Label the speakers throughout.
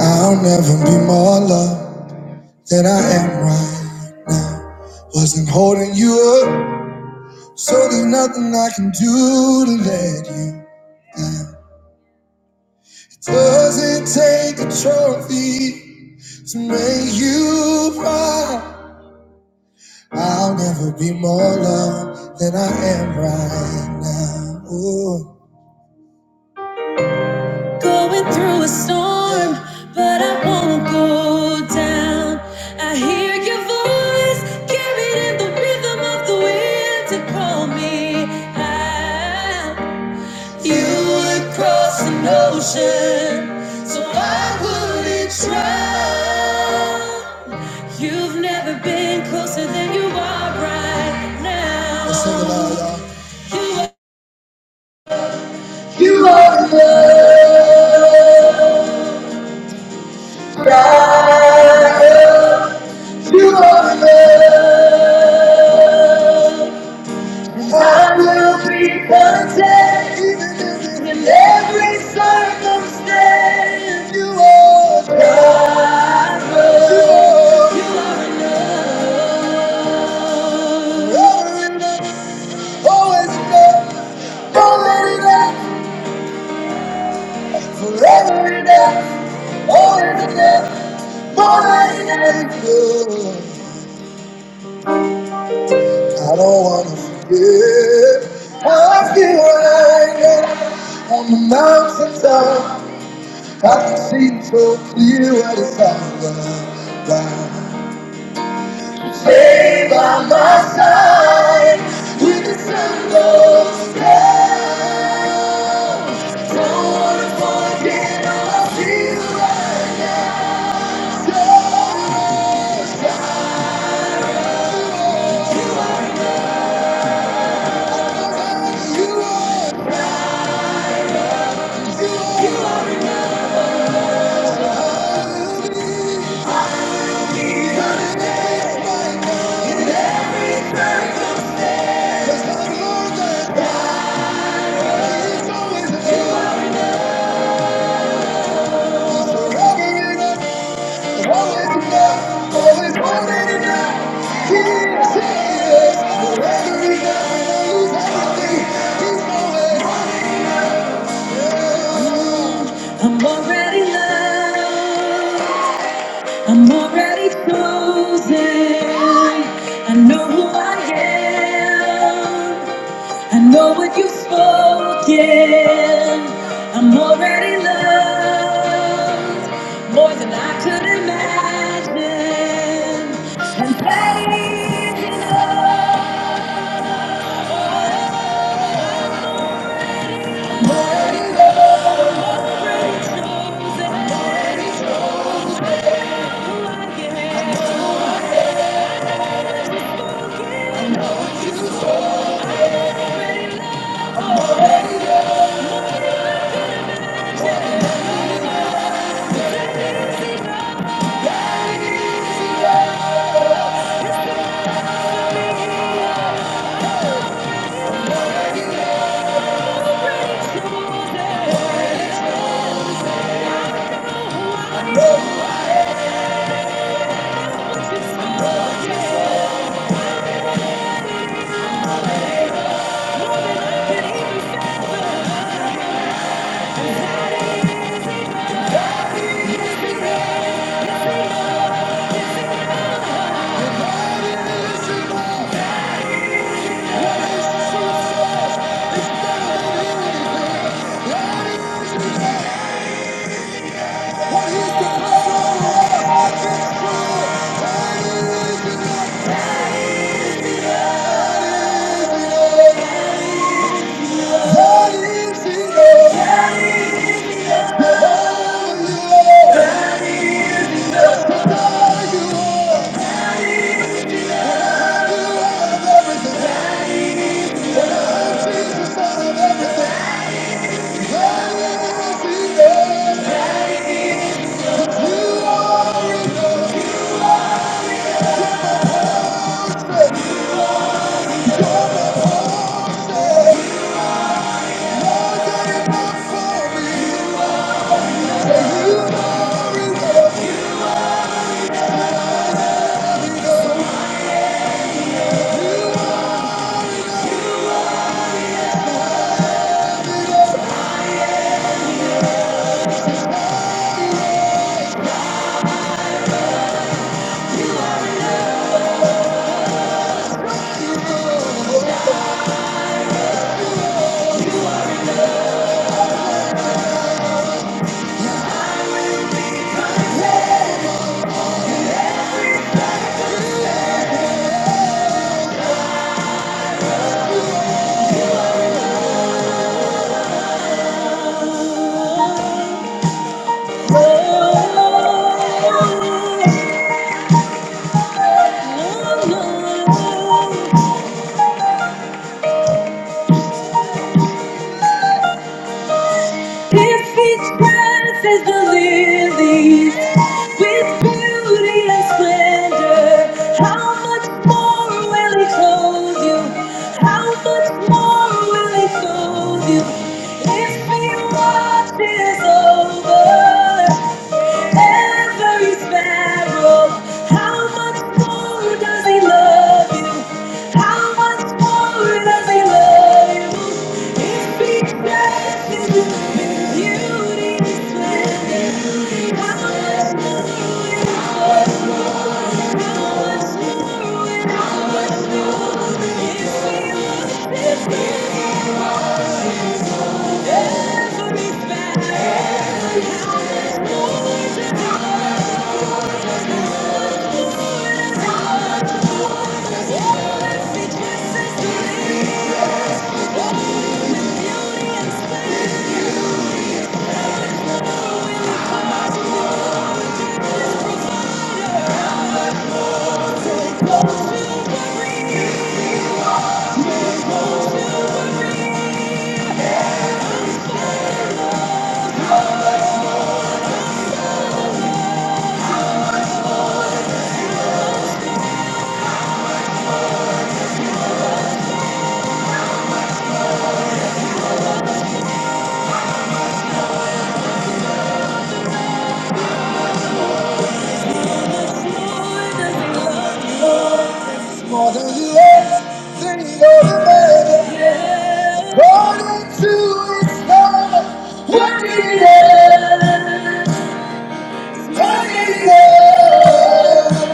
Speaker 1: I'll never be more loved than I am right. Wasn't holding you up, so there's nothing I can do to let you. It doesn't take a trophy to make you proud. I'll never be more loved than I am right now. Ooh. Going through a storm, but I won't go down. I hear your voice carried in the rhythm of the wind to call me out. You would cross an ocean, so I wouldn't drown. You've never been closer than you are right now. Let's sing it loud, y'all. You are love. You are love. I will be content in every circumstance. You are God. You are enough, always enough, always enough, forever enough, always enough, always enough. I don't wanna forget how I feel right now on the mountaintop. I've seen so clear what it's all about. Stay by my side when the sun goes down. Don't wanna forget all I feel right now. You are, you are, you are enough. Even if it's right now, in every circumstance. 'Cause I know that God is always there. I'm already loved. I'm already chosen. I know who I am. I know what you've spoken. I'm already loved more than I could imagine. And praise you, Lord. I'm Already chosen. I'm Already chosen. I know Who I am. I know who I am. Oh If its breath is the lilies, with beauty and splendor, how much more will He clothe you? How much more will He clothe you? If He watches over. Every sparrow, how much more does he love you? How much more does he love you? If he dresses you in beauty and splendor, how much more will he love you? Every sparrow, how much more does he love you? More than you ever think or imagine. Born into love. What he is. it? What he is. it?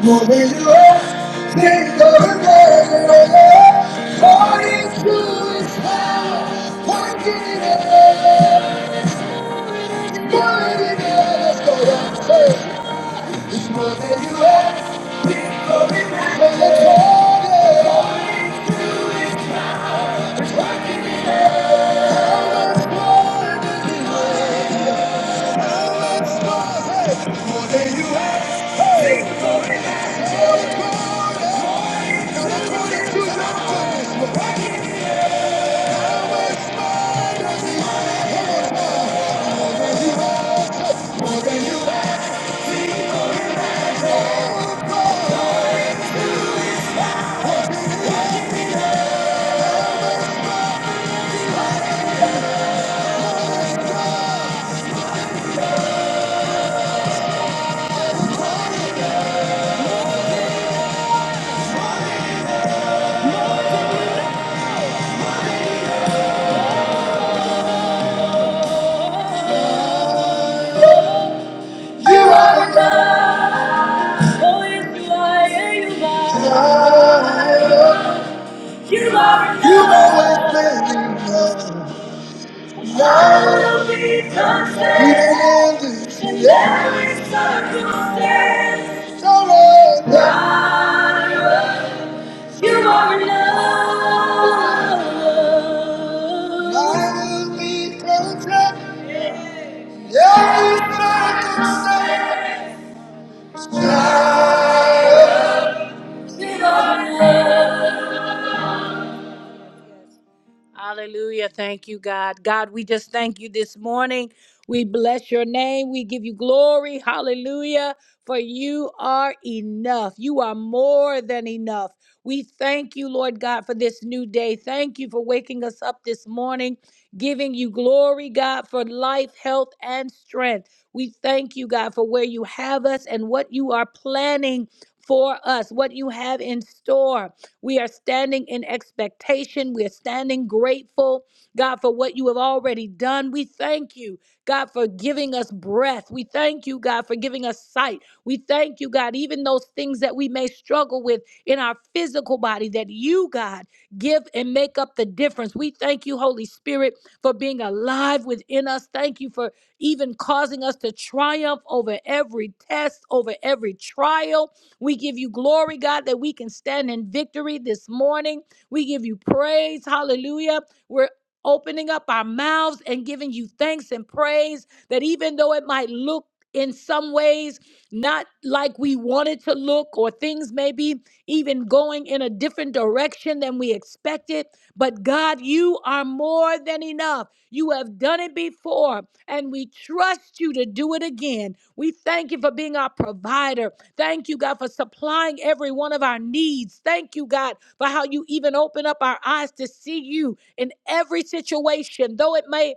Speaker 1: What will You think of a girl according to his power? What will you ask? What will you ask? What will you ask? What will you ask? You are enough. Oh, yes, you are. Yeah, you are. You are enough. You are enough. Love will be perfect in every circumstance. Lyra, you are enough. Love will be perfect in every circumstance. Lyra, you are enough. Hallelujah. Thank you, God. God, we just thank you this morning. We bless your name. We give you glory. Hallelujah. For you are enough. You are more than enough. We thank you, Lord God, for this new day. Thank you for waking us up this morning, giving you glory, God, for life, health, and strength. We thank you, God, for where you have us and what you are planning for us, what you have in store. We are standing in expectation. We are standing grateful, God, for what you have already done. We thank you, God, for giving us breath. We thank you, God, for giving us sight. We thank you, God, even those things that we may struggle with in our physical body, that you, God, give and make up the difference. We thank you, Holy Spirit, for being alive within us. Thank you for even causing us to triumph over every test, over every trial. We give you glory, God, that we can stand in victory this morning. We give you praise. Hallelujah. We're opening up our mouths and giving you thanks and praise that even though it might look in some ways not like we wanted to look or things may be even going in a different direction than we expected but god you are more than enough you have done it before and we trust you to do it again we thank you for being our provider Thank you, God, for supplying every one of our needs. Thank you, God, for how you even open up our eyes to see you in every situation, though it may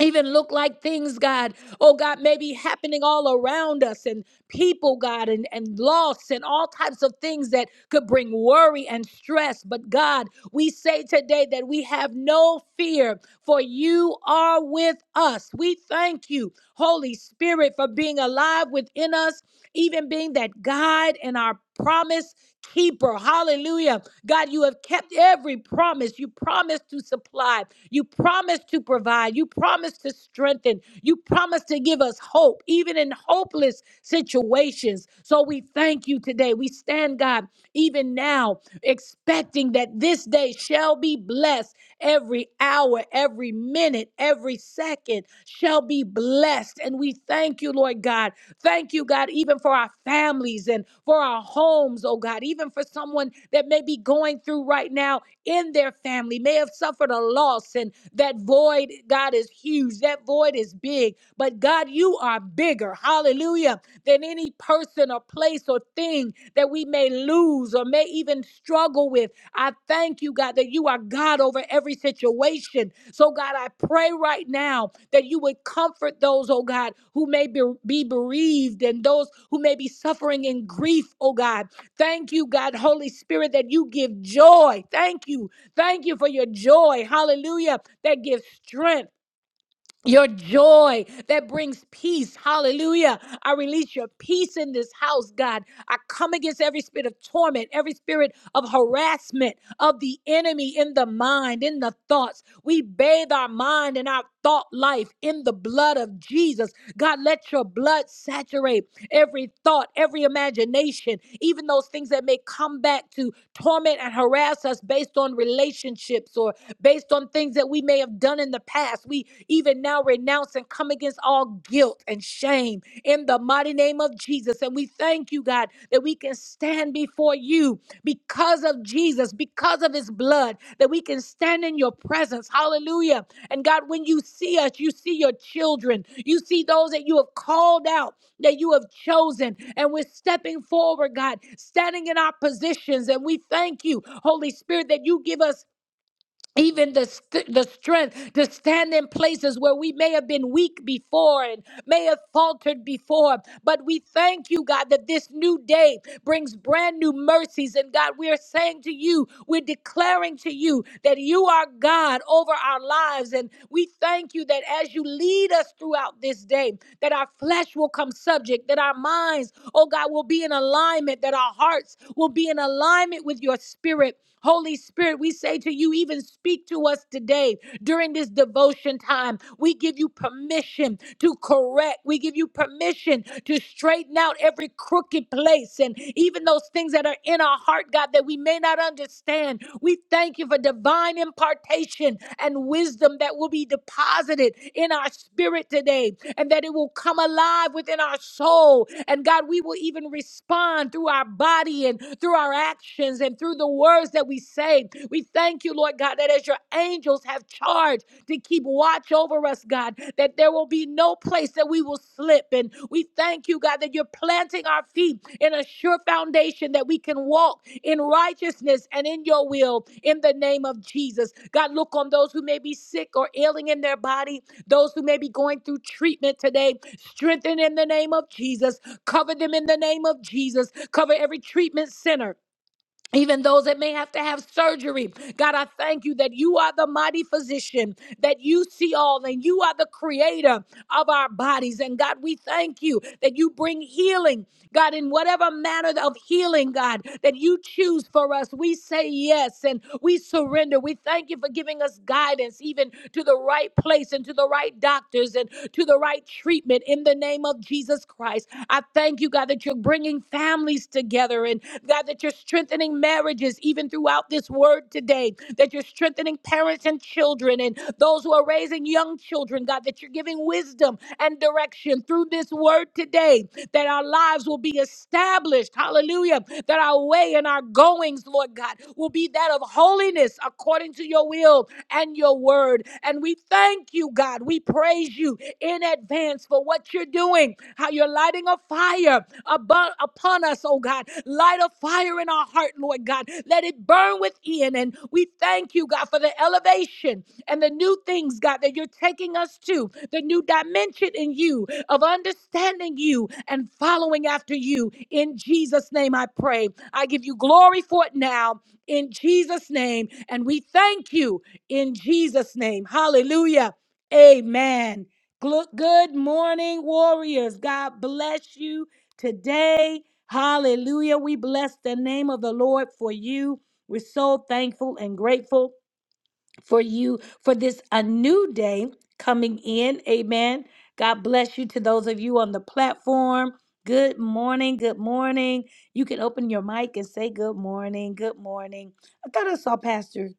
Speaker 1: even look like things, God, oh God, may be happening all around us and people, God, and, and loss and all types of things that could bring worry and stress. But God, we say today that we have no fear, for you are with us. We thank you, Holy Spirit, for being alive within us, even being that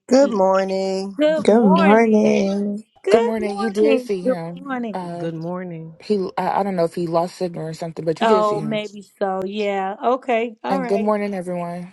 Speaker 2: Good morning.
Speaker 3: Good morning.
Speaker 4: Good morning. You did see him. Uh,
Speaker 5: Good morning.
Speaker 4: he. I, I don't know if he lost signal or something, but you did see him. And good morning, everyone.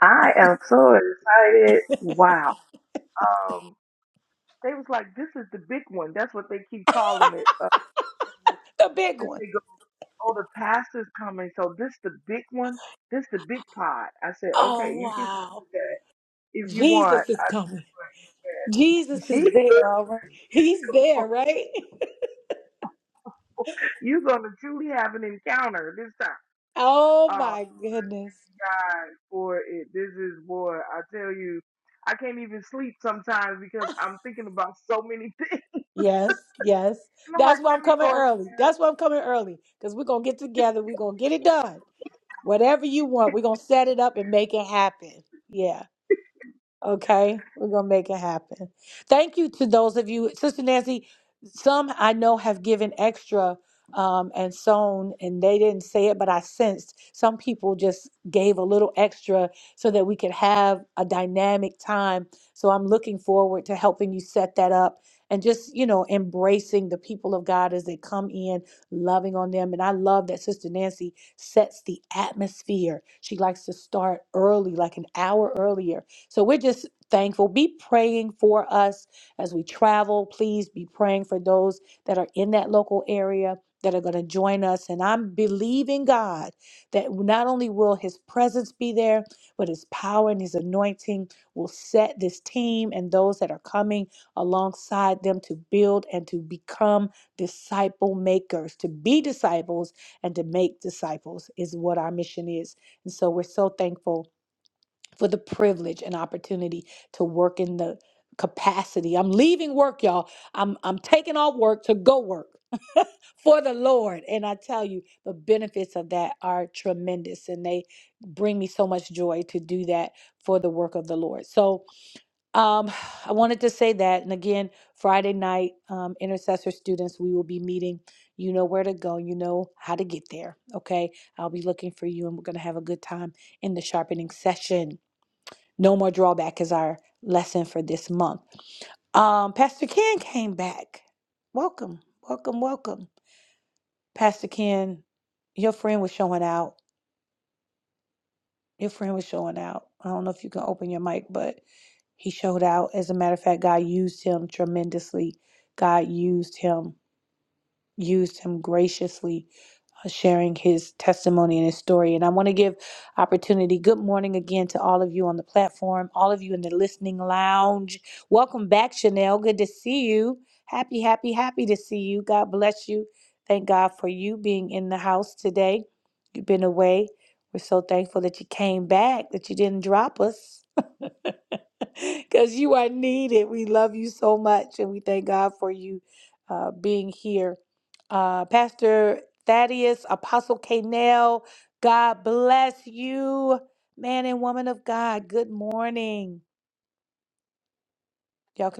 Speaker 6: I am so excited. Wow. Um, they was like, this is the big one. That's what they keep calling it. Uh, since they go, oh, the pastor's coming. So this the big one. This the big pot. I said, okay, you can call it that if you want. I said, "Well, yes. Jesus is Lord. You're going to truly have an encounter this time. Oh, God, for it. This is boy. I tell you, I can't even sleep sometimes because I'm thinking about so many things. No, like, let me go in there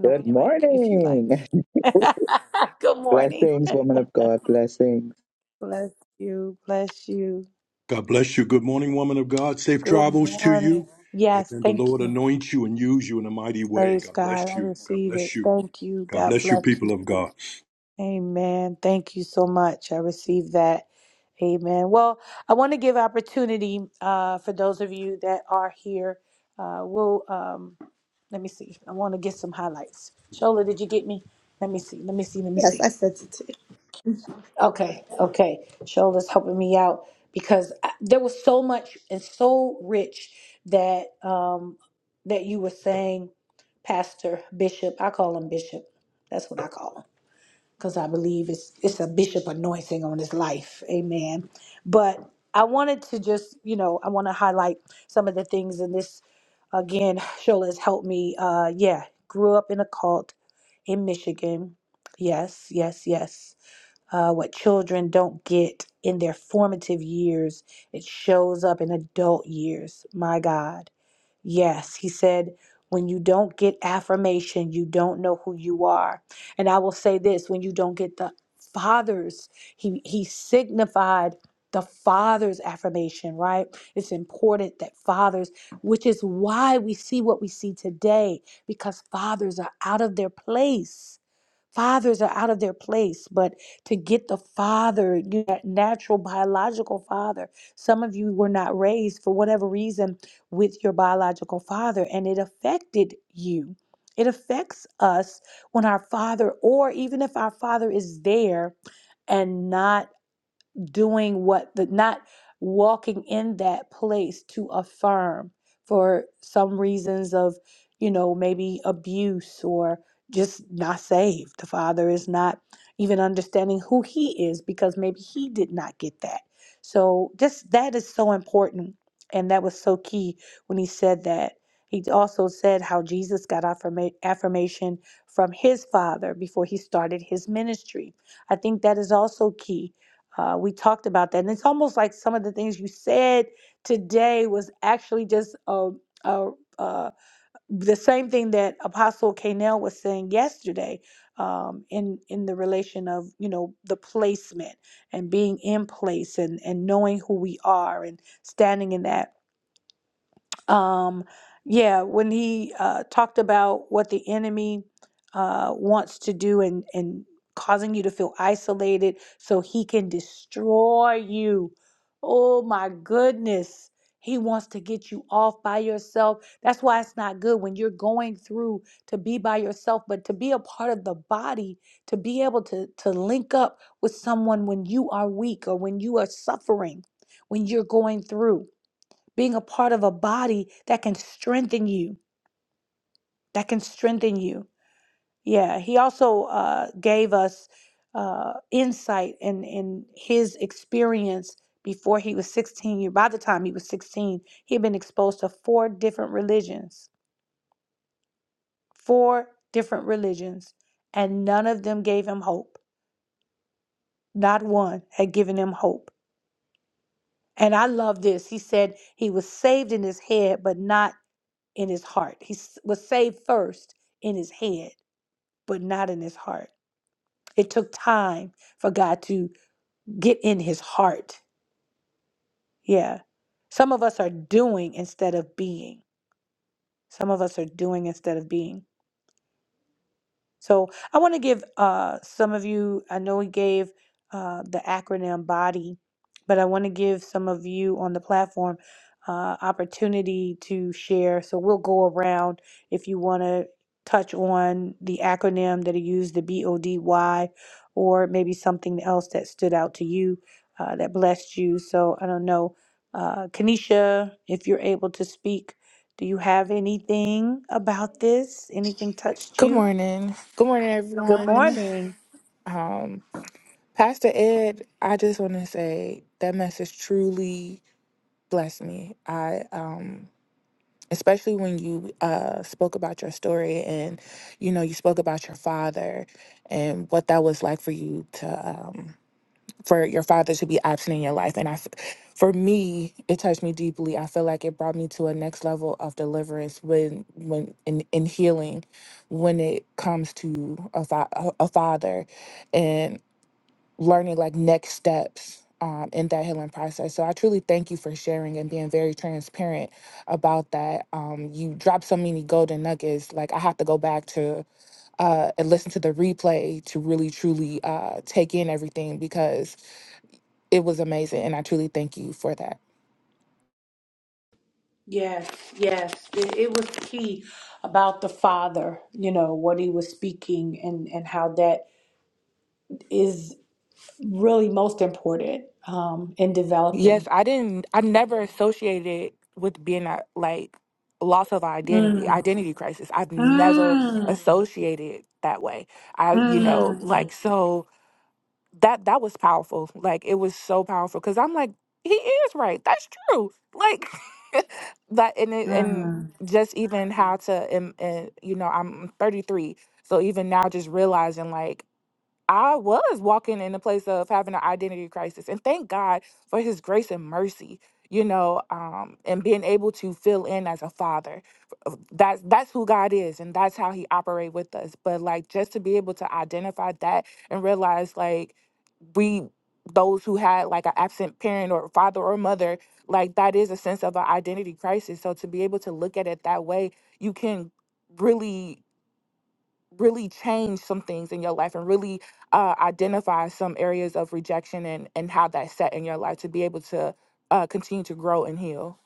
Speaker 7: Good morning. Blessings, woman of God. Blessings.
Speaker 8: God bless you. Good morning, woman of God. Safe travels to you. And the Lord anoint you and use you in a mighty way. God bless you. God bless you. God bless you, people of God.
Speaker 3: Yes, I said it too.
Speaker 4: Good morning. Good morning, everyone. Um, Pastor Ed, I just want to say that message truly blessed me. I um, especially when you uh spoke about your story and you know you spoke about your father and what that was like for you to um for your father to be absent in your life. And I, f- for me, it touched me deeply. I feel like it brought me to a next level of deliverance when, when in, in healing, when it comes to a, fa- a a father, and learning like next steps. Um, in that healing process. So I truly thank you for sharing and being very transparent about that. Um, you dropped so many golden nuggets. Like I have to go back to uh, and listen to the replay to really truly uh, take in everything because it was amazing and i truly thank you for that yes i didn't i never associated with being a, like loss of identity
Speaker 1: Mm,
Speaker 4: identity crisis i've never
Speaker 1: mm,
Speaker 4: associated that way i you know like
Speaker 1: mm,
Speaker 4: so that that was powerful like it was so powerful because i'm like he is right that's true like that and it, and
Speaker 1: mm.
Speaker 4: just even how to and, and you know i'm 33 so even now just realizing like I was walking in a place of having an identity crisis, and thank God for His grace and mercy, you know, um, and being able to fill in as a father. Uh, That's that's who God is, and that's how He operate with us. But like, just to be able to identify that and realize, like, we those who had like an absent parent or father or mother, like that is a sense of an identity crisis. So to be able to look at it that way, you can really really change some things in your life and really uh, identify some areas of rejection and and how that set in your life to be able to uh, continue to grow and heal.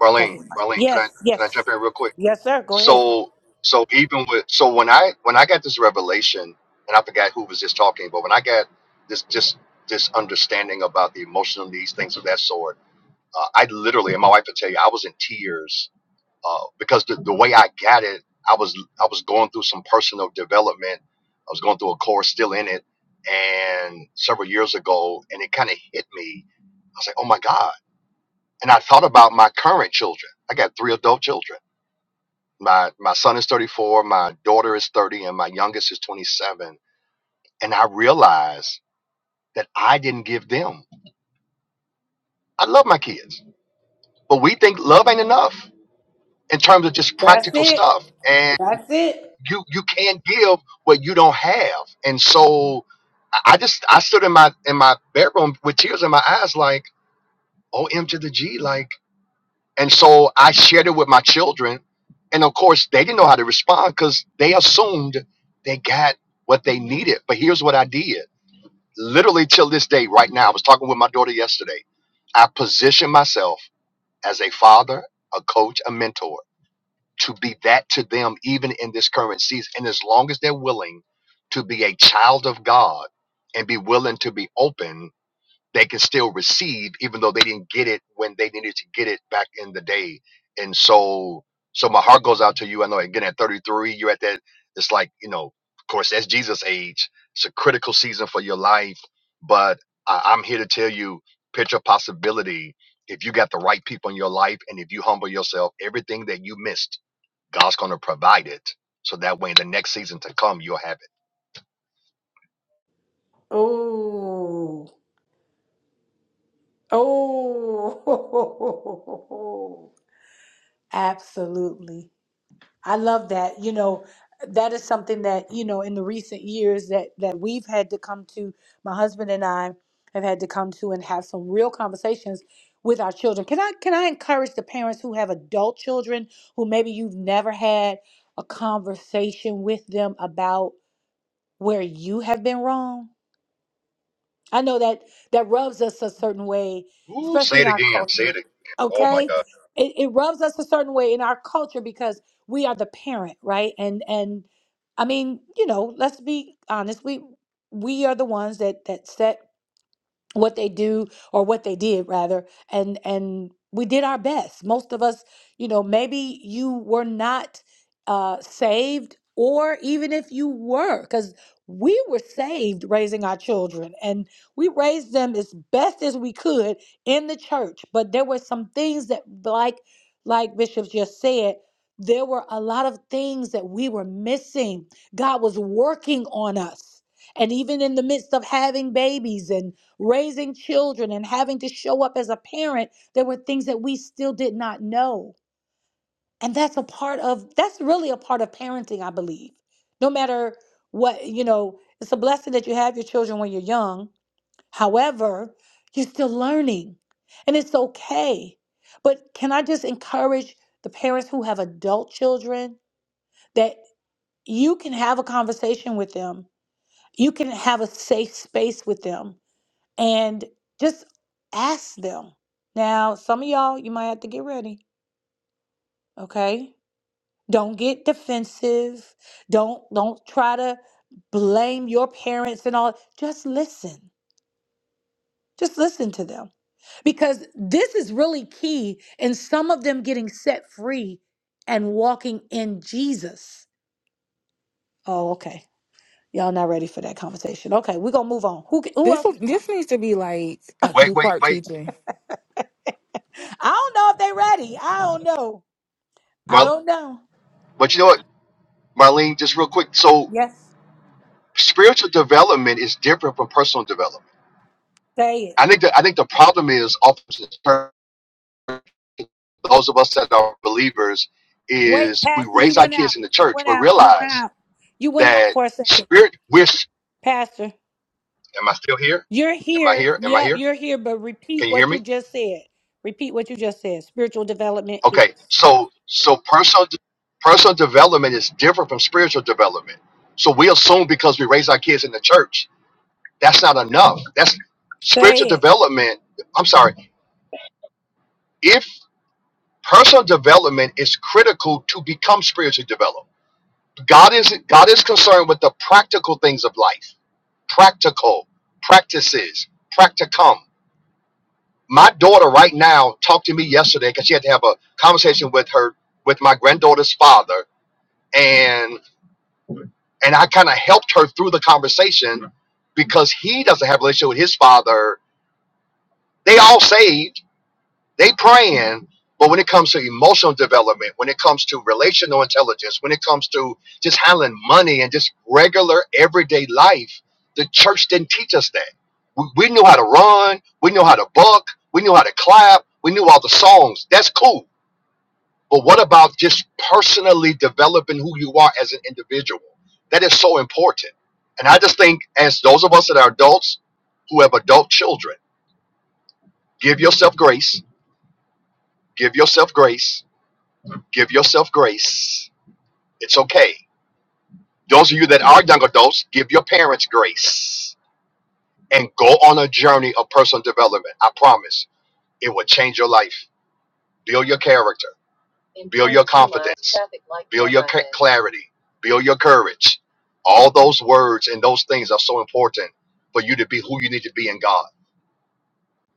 Speaker 9: Marlene, Marlene, can I can I jump in real quick? So so even with so when I when I got this revelation and I forgot who was just talking, but when I got this just this understanding about the emotional needs, things of that sort, uh, I literally and my wife would tell you I was in tears uh, because the, the way I got it, I was I was going through some personal development. I was going through a course, still in it, and several years ago, and it kind of hit me. I was like, oh my god, and I thought about my current children. I got three adult children my my son is 34 my daughter is 30 and my youngest is 27 and i realize that i didn't give them i love my kids but we think love ain't enough in terms of just practical stuff and you you can't give what you don't have and so i I just i stood in my in my bedroom with tears in my eyes like om to the g like And so I shared it with my children. And of course, they didn't know how to respond because they assumed they got what they needed. But here's what I did literally till this day, right now. I was talking with my daughter yesterday. I position myself as a father, a coach, a mentor to be that to them, even in this current season. And as long as they're willing to be a child of God and be willing to be open they can still receive, even though they didn't get it when they needed to get it back in the day. And so, so my heart goes out to you. I know again at 33, you're at that. It's like you know, of course, that's Jesus' age. It's a critical season for your life. But I, I'm here to tell you, picture possibility. If you got the right people in your life, and if you humble yourself, everything that you missed, God's going to provide it. So that way, in the next season to come, you'll have it. Ooh, say it again. Say it. Again. Oh my God.
Speaker 4: This will- this needs to be like a
Speaker 9: Wait,
Speaker 4: two
Speaker 9: wait,
Speaker 4: part
Speaker 9: wait.
Speaker 4: teaching.
Speaker 9: Well. But you know what, Marlene, just real quick. So spiritual development is different from personal development. I think that I think the problem is often in church, those of us that are believers is we raise our kids in the church, but realize that spirit we're am I still here? Am I here? Am I here? Can you hear me? Okay. So so personal de- personal development is different from spiritual development. So we assume because we raise our kids in the church, that's not enough. That's spiritual development I'm sorry. if personal development is critical to become spiritually developed god is god is concerned with the practical things of life practical practices practicum my daughter right now talked to me yesterday because she had to have a conversation with her with my granddaughter's father and and i kind of helped her through the conversation because he doesn't have a relationship with his father they all saved They praying, but when it comes to emotional development, when it comes to relational intelligence, when it comes to just handling money and just regular everyday life, the church didn't teach us that. We, we knew how to run, we knew how to buck, we knew how to clap, we knew all the songs. That's cool. But what about just personally developing who you are as an individual? That is so important. And I just think, as those of us that are adults who have adult children, give yourself grace, give yourself grace, Give yourself grace. It's okay. Those of you that are young adults, give your parents grace and go on a journey of personal development. I promise it will change your life, build your character, build your confidence, build your ca- clarity, build your courage. All those words and those things are so important for you to be who you need to be in God.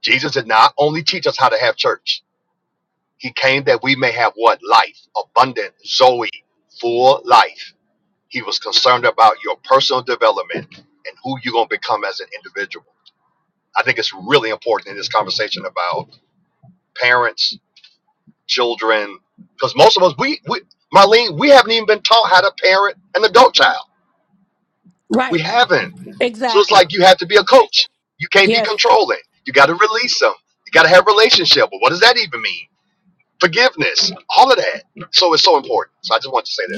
Speaker 9: Jesus did not only teach us how to have church, He came that we may have what? Life, abundant, Zoe, full life. He was concerned about your personal development and who you're going to become as an individual. I think it's really important in this conversation about parents, children, because most of us, we, we, Marlene, we haven't even been taught how to parent an adult child. We haven't. So it's like you have to be a coach. You can't be controlling. You got to release them. You got to have relationship. But what does that even mean? Forgiveness, all of that. So it's so important. So I just want to say that.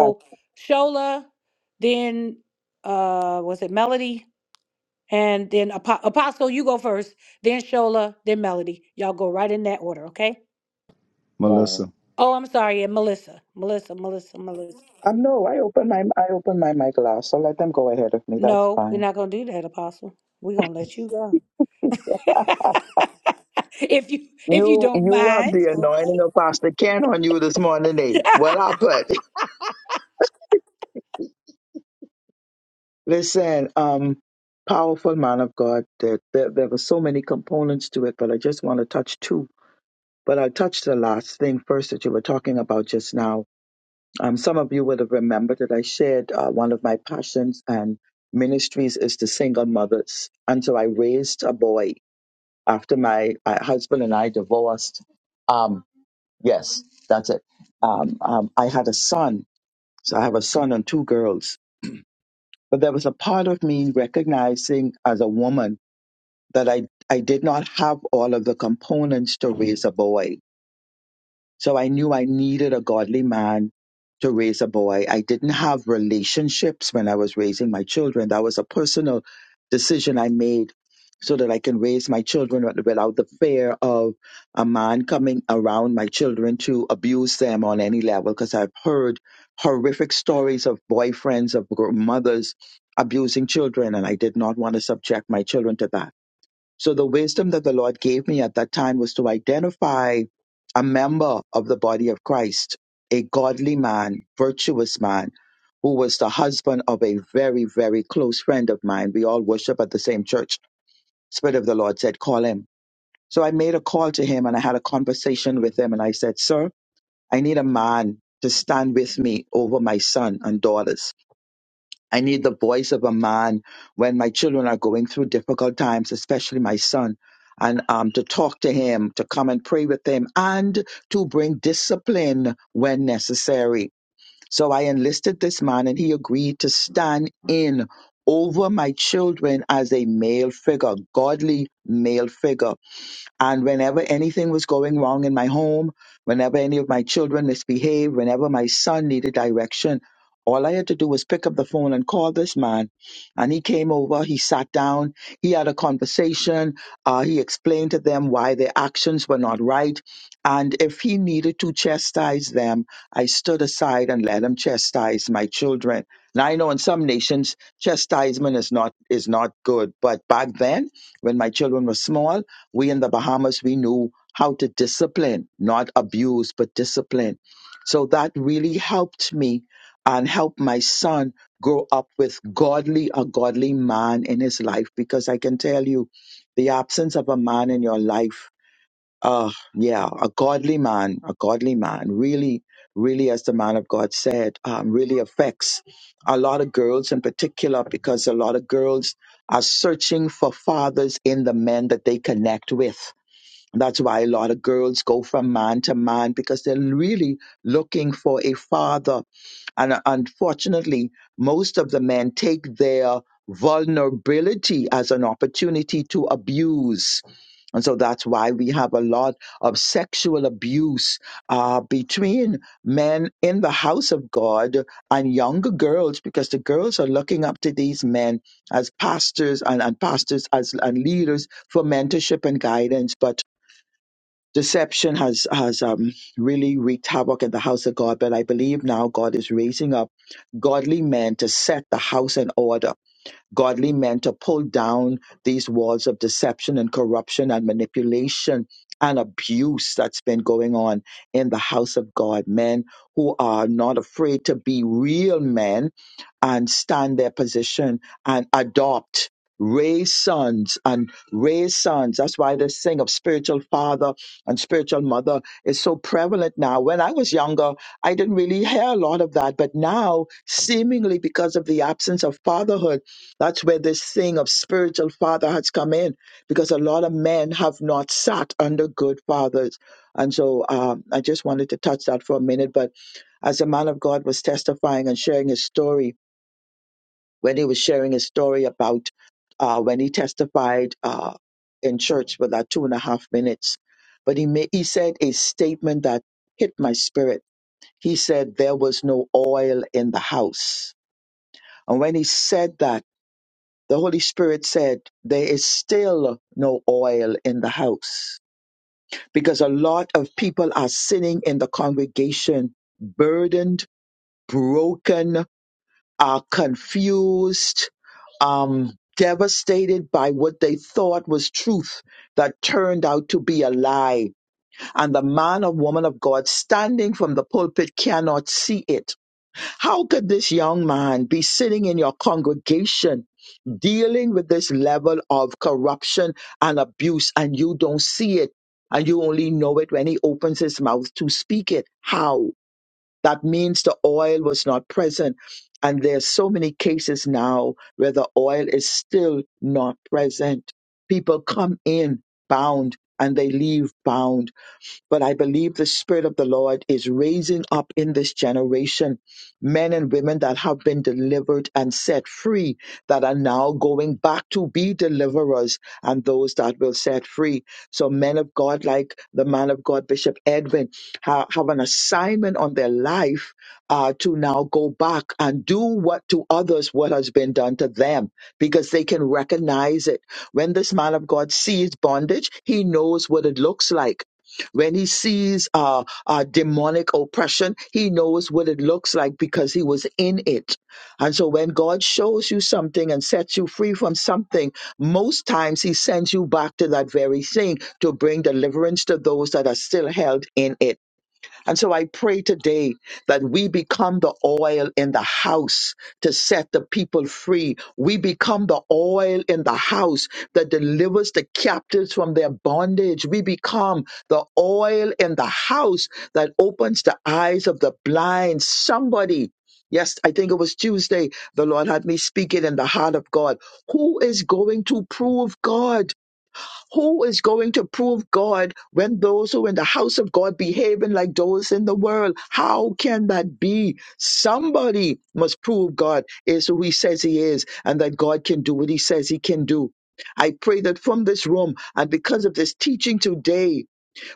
Speaker 7: Oh, wow.
Speaker 10: Melissa.
Speaker 7: Um, no, I open my I open my mic last, so let them go ahead of me. That's fine. You you have the
Speaker 1: Okay.
Speaker 7: anointing of Pastor Ken on you this morning, eh? What happened? Listen, um, powerful man of God. There, there, there were so many components to it, but I just want to touch two. But I'll touch the last thing first that you were talking about just now Um, some of you would have remembered that I shared uh, one of my passions and ministries is to single mothers. And so I raised a boy after my uh, husband and I divorced. Um, yes, that's it. Um, um, I had a son. So I have a son and two girls. But there was a part of me recognizing as a woman that I, I did not have all of the components to raise a boy So I knew I needed a godly man to raise a boy. I didn't have relationships when I was raising my children. That was a personal decision I made so that I can raise my children with- without the fear of a man coming around my children to abuse them on any level. Because I've heard horrific stories of boyfriends, of gr- mothers abusing children, and I did not want to subject my children to that. So the wisdom that the Lord gave me at that time was to identify a member of the body of Christ, a godly man, virtuous man, who was the husband of a very, very close friend of mine. We all worship at the same church. Spirit of the Lord said, call him. So I made a call to him and I had a conversation with him and I said, sir, I need a man to stand with me over my son and daughters. I need the voice of a man when my children are going through difficult times, especially my son, and um, to talk to him, to come and pray with him, and to bring discipline when necessary. So I enlisted this man, and he agreed to stand in over my children as a male figure, godly male figure. And whenever anything was going wrong in my home, whenever any of my children misbehaved, whenever my son needed direction, all I had to do was pick up the phone and call this man. And he came over, he sat down, he had a conversation, uh, he explained to them why their actions were not right. And if he needed to chastise them, I stood aside and let him chastise my children. Now I know in some nations chastisement is not is not good, but back then when my children were small, we in the Bahamas, we knew how to discipline, not abuse, but discipline. So that really helped me and helped my son grow up with godly, a godly man in his life. Because I can tell you, the absence of a man in your life, uh, yeah, a godly man, a godly man really, really, as the man of God said, um, really affects a lot of girls in particular, because a lot of girls are searching for fathers in the men that they connect with that's why a lot of girls go from man to man because they're really looking for a father. And uh, unfortunately, most of the men take their vulnerability as an opportunity to abuse. And so that's why we have a lot of sexual abuse uh, between men in the house of God and younger girls, because the girls are looking up to these men as pastors and, and pastors as and leaders for mentorship and guidance. But deception has has um, really wreaked havoc in the house of God. But I believe now God is raising up godly men to set the house in order, godly men to pull down these walls of deception and corruption and manipulation and abuse that's been going on in the house of God. Men who are not afraid to be real men and stand their position and adopt, raise sons and raise sons. That's why this thing of spiritual father and spiritual mother is so prevalent now. When I was younger, I didn't really hear a lot of that, but now, seemingly because of the absence of fatherhood, that's where this thing of spiritual father has come in because a lot of men have not sat under good fathers. And so um, I just wanted to touch that for a minute. But as a man of God was testifying and sharing his story, when he was sharing his story about uh, when he testified uh, in church for that two and a half minutes. But he ma- he said a statement that hit my spirit. He said there was no oil in the house, and when he said that, the Holy Spirit said there is still no oil in the house because a lot of people are sitting in the congregation burdened, broken, uh, confused, um, devastated by what they thought was truth that turned out to be a lie. And the man or woman of God standing from the pulpit cannot see it. How could this young man be sitting in your congregation dealing with this level of corruption and abuse and you don't see it? And you only know it when he opens his mouth to speak it. How? That means the oil was not present. And there's so many cases now where the oil is still not present. People come in bound and they leave bound but I believe the Spirit of the Lord is raising up in this generation men and women that have been delivered and set free, that are now going back to be deliverers and those that will set free. So, men of God, like the man of God, Bishop Edwin, ha- have an assignment on their life uh, to now go back and do what to others what has been done to them because they can recognize it. When this man of God sees bondage, he knows what it looks like when he sees uh, uh, demonic oppression, he knows what it looks like because he was in it. And so when God shows you something and sets you free from something, most times he sends you back to that very thing to bring deliverance to those that are still held in it. And so I pray today that we become the oil in the house to set the people free. We become the oil in the house that delivers the captives from their bondage. We become the oil in the house that opens the eyes of the blind. Somebody. Yes, I think it was Tuesday. The Lord had me speaking in the heart of God. Who is going to prove God? Who is going to prove God when those who are in the house of God behaving like those in the world? How can that be? Somebody must prove God is who he says he is and that God can do what he says he can do. I pray that from this room and because of this teaching today,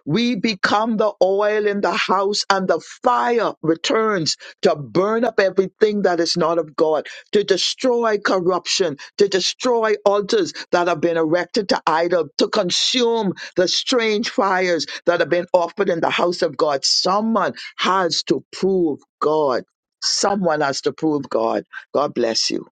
Speaker 7: we become the oil in the house, and the fire returns to burn up everything that is not of God, to destroy corruption, to destroy altars that have been erected to idol, to consume the strange fires that have been offered in the house of God. Someone has to prove God. Someone has to prove God. God bless you.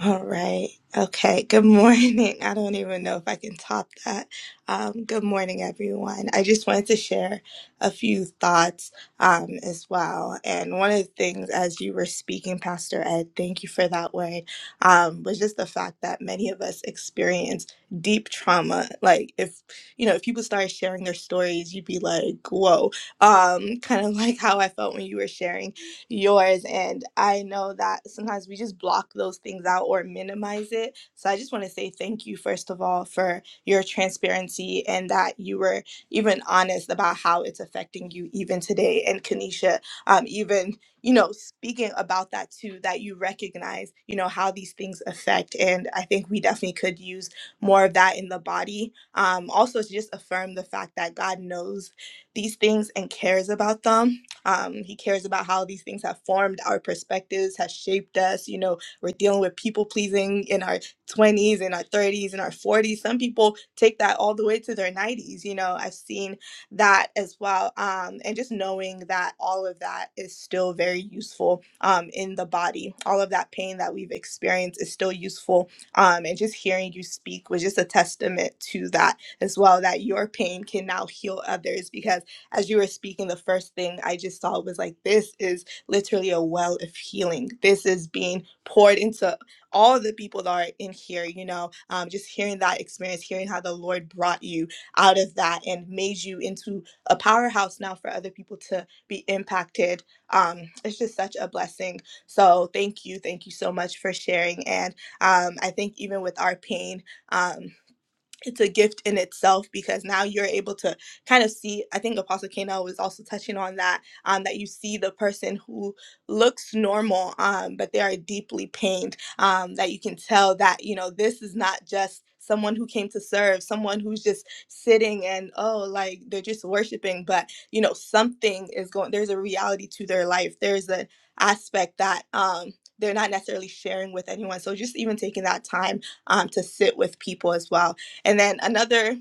Speaker 3: All right. Okay. Good morning. I don't even know if I can top that. Um, good morning, everyone. I just wanted to share a few thoughts um, as well. And one of the things, as you were speaking, Pastor Ed, thank you for that word, um, was just the fact that many of us experience deep trauma. Like, if, you know, if people started sharing their stories, you'd be like, whoa, um, kind of like how I felt when you were sharing yours. And I know that sometimes we just block those things out or minimize it. So I just want to say thank you, first of all, for your transparency and that you were even honest about how it's affecting you even today. And Kanisha, um, even, you know, speaking about that too, that you recognize, you know, how these things affect. And I think we definitely could use more of that in the body. Um, also, to just affirm the fact that God knows these things and cares about them um, he cares about how these things have formed our perspectives, has shaped us. You know, we're dealing with people pleasing in our 20s, in our 30s, in our 40s. Some people take that all the way to their 90s. You know, I've seen that as well. Um, and just knowing that all of that is still very useful um, in the body, all of that pain that we've experienced is still useful. Um, and just hearing you speak was just a testament to that as well, that your pain can now heal others because as you were speaking, the first thing I just saw was like, this is literally a well of healing. This is being poured into all the people that are in here, you know, um, just hearing that experience, hearing how the Lord brought you out of that and made you into a powerhouse now for other people to be impacted. Um, it's just such a blessing. So thank you. Thank you so much for sharing. And um, I think even with our pain, um, it's a gift in itself because now you're able to kind of see i think apostle kano was also touching on that um, that you see the person who looks normal um, but they are deeply pained um, that you can tell that you know this is not just someone who came to serve someone who's just sitting and oh like they're just worshiping but you know something is going there's a reality to their life there's an aspect that um, they're not necessarily sharing with anyone so just even taking that time um, to sit with people as well and then another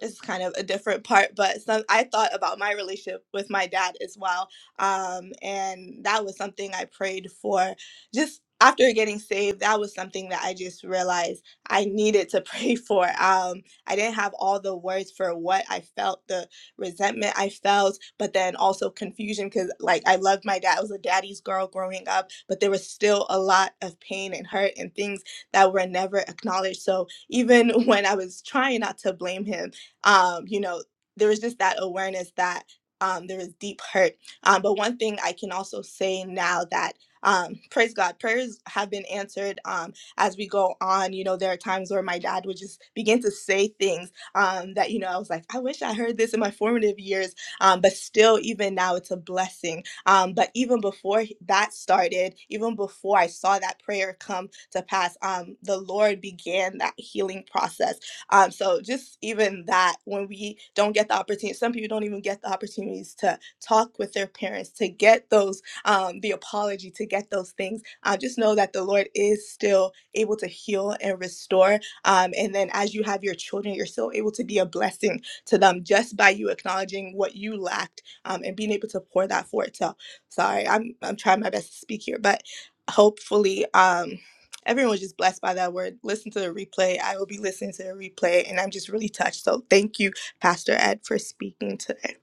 Speaker 3: is kind of a different part, but some, I thought about my relationship with my dad as well. Um, and that was something I prayed for just after getting saved. That was something that I just realized I needed to pray for. Um, I didn't have all the words for what I felt, the resentment I felt, but then also confusion because, like, I loved my dad. I was a daddy's girl growing up, but there was still a lot of pain and hurt and things that were never acknowledged. So, even when I was trying not to blame him, um, you know, there was just that awareness that um, there was deep hurt. Um, but one thing I can also say now that um, praise God, prayers have been answered um, as we go on. You know, there are times where my dad would just begin to say things um, that, you know, I was like, I wish I heard this in my formative years. Um, but still, even now, it's a blessing um, but even before that started, even before I saw that prayer come to pass, um, the Lord began that healing process. Um, so just even that, when we don't get the opportunity, some people don't even get the opportunities to talk with their parents, to get those, um, the apology, to get those things. Uh, just know that the Lord is still able to heal and restore. Um, and then as you have your children, you're still able to be a blessing to them just by you acknowledging what you lacked um, and being able to pour that forth. to sorry i'm i'm trying my best to speak here but hopefully um everyone was just blessed by that word listen to the replay i will be listening to the replay and i'm just really touched so thank you pastor ed for speaking today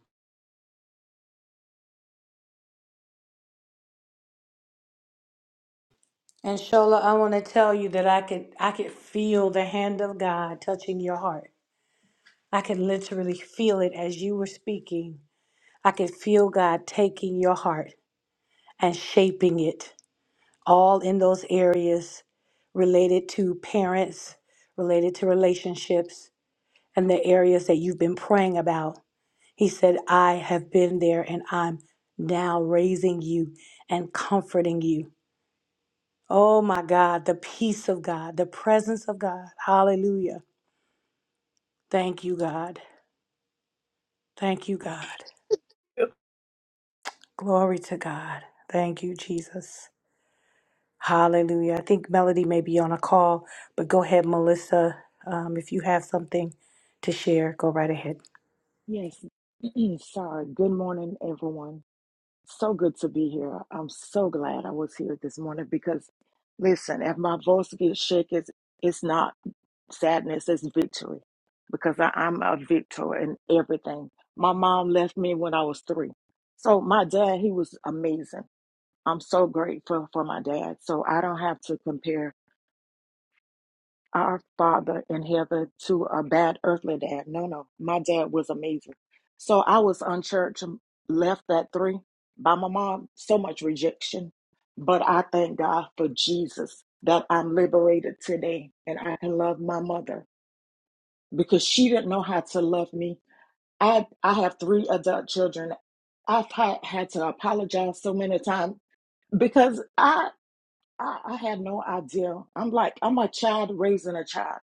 Speaker 11: Yes, sorry. Good morning, everyone. So good to be here. I'm so glad I was here this morning because, listen, if my voice gets shaky, it's, it's not sadness, it's victory because I, I'm a victor in everything. My mom left me when I was three. So my dad, he was amazing. I'm so grateful for my dad. So I don't have to compare our father in heaven to a bad earthly dad. No, no, my dad was amazing. So I was unchurched, left at three by my mom, so much rejection. But I thank God for Jesus that I'm liberated today and I can love my mother because she didn't know how to love me. I, I have three adult children. I've had, had to apologize so many times because I, I, I had no idea. I'm like, I'm a child raising a child.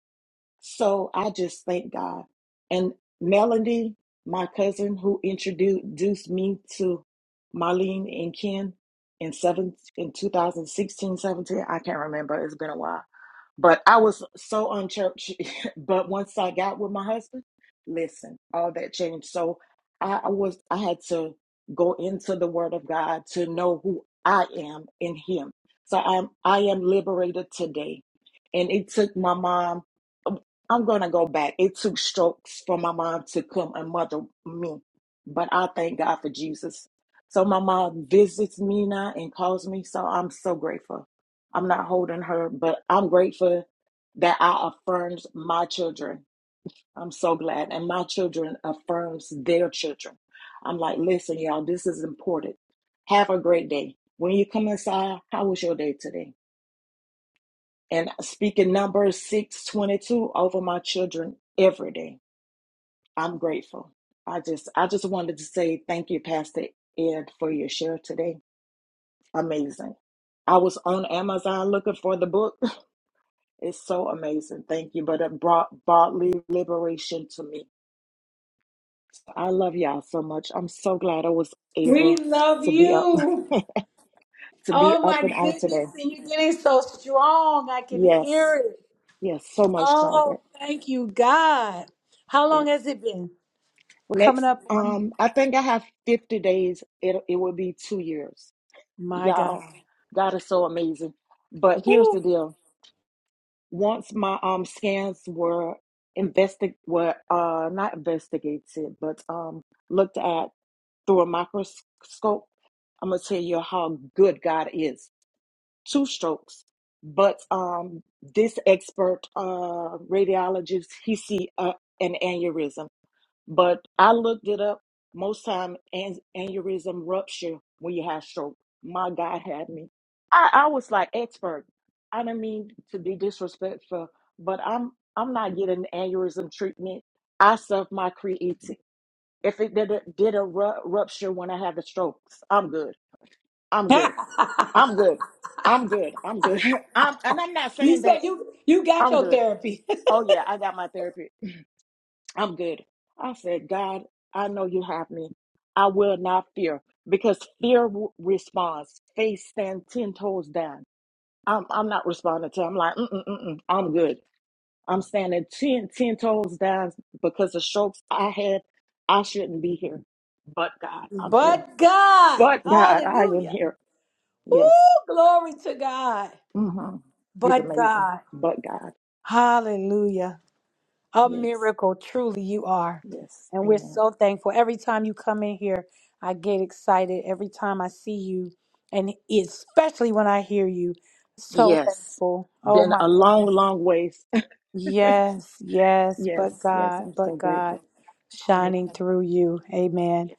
Speaker 11: So I just thank God. And Melody, my cousin who introduced me to Marlene and Ken in seven in 2016 17. I can't remember. It's been a while. But I was so unchurched. but once I got with my husband, listen, all that changed. So I, I was I had to go into the Word of God to know who I am in Him. So I'm I am liberated today, and it took my mom. I'm gonna go back. It took strokes for my mom to come and mother me, but I thank God for Jesus. So my mom visits me now and calls me. So I'm so grateful. I'm not holding her, but I'm grateful that I affirmed my children. I'm so glad. And my children affirms their children. I'm like, listen, y'all, this is important. Have a great day. When you come inside, how was your day today? And speaking number 622 over my children every day. I'm grateful. I just I just wanted to say thank you, Pastor Ed, for your share today. Amazing. I was on Amazon looking for the book It's so amazing. Thank you. But it brought bodily liberation to me. I love y'all so much. I'm so glad I was
Speaker 1: We
Speaker 11: able
Speaker 1: love,
Speaker 11: to be up to be up and on today. Yes. Yes. So much stronger. Yes. Next, um, I think I have 50 days. It it will be two years. Y'all, God is so amazing. But here's the deal. Once my um scans were invested were uh not investigated, but um looked at through a microscope, I'm gonna tell you how good God is. Two strokes, but um, this expert uh, radiologist he see uh, an aneurysm, but I looked it up. Most time an- aneurysm rupture when you have stroke. My God had me. I, I was like expert. I don't mean to be disrespectful, but I'm I'm not getting aneurysm treatment. I serve my creator. If it did a, did a ru- rupture when I had the strokes, I'm good. I'm good. I'm good. I'm good. I'm good. I'm, and I'm not
Speaker 1: you
Speaker 11: saying
Speaker 1: said
Speaker 11: that
Speaker 1: you you got
Speaker 11: I'm
Speaker 1: your
Speaker 11: good.
Speaker 1: therapy.
Speaker 11: Oh, yeah, I got my therapy. I'm good. I said, God, I know you have me. I will not fear because fear w- responds. Faith stand 10 toes down. I'm, I'm not responding to I'm like, mm-mm, mm-mm, I'm good. I'm standing 10 10 toes down because the strokes I had, I shouldn't be here. But God, I'm here. But God, I am here. Yes. hmm He's amazing. But God. Yes. Yes. Amen. Yes. Been a long, long ways. yes. Yes. I'm so grateful. So amazing. Yes.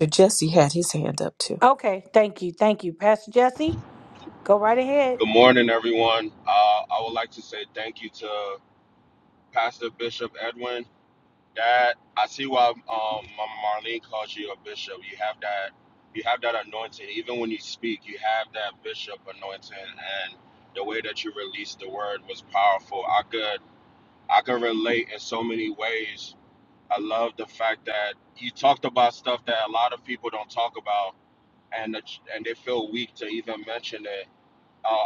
Speaker 5: So Jesse had his hand up too.
Speaker 12: Good morning, everyone. Uh, I would like to say thank you to Pastor Bishop Edwin. That I see why um, Mama Marlene calls you a bishop. You have that, you have that anointing. Even when you speak, you have that bishop anointing, and the way that you released the word was powerful. I could, I could relate in so many ways. I love the fact that you talked about stuff that a lot of people don't talk about, and the, and they feel weak to even mention it. Uh,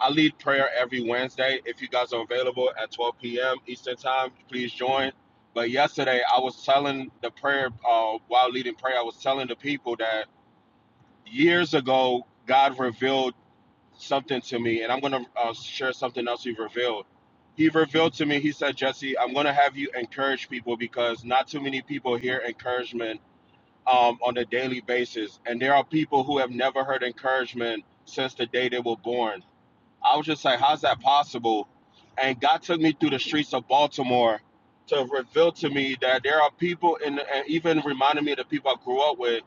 Speaker 12: I lead prayer every Wednesday. If you guys are available at 12 p.m. Eastern Time, please join. But yesterday, I was telling the prayer uh, while leading prayer, I was telling the people that years ago, God revealed something to me, and I'm going to uh, share something else He revealed. He revealed to me, He said, Jesse, I'm going to have you encourage people because not too many people hear encouragement um, on a daily basis. And there are people who have never heard encouragement since the day they were born I was just like, how's that possible? And God took me through the streets of Baltimore to reveal to me that there are people, in, and even reminded me of the people I grew up with.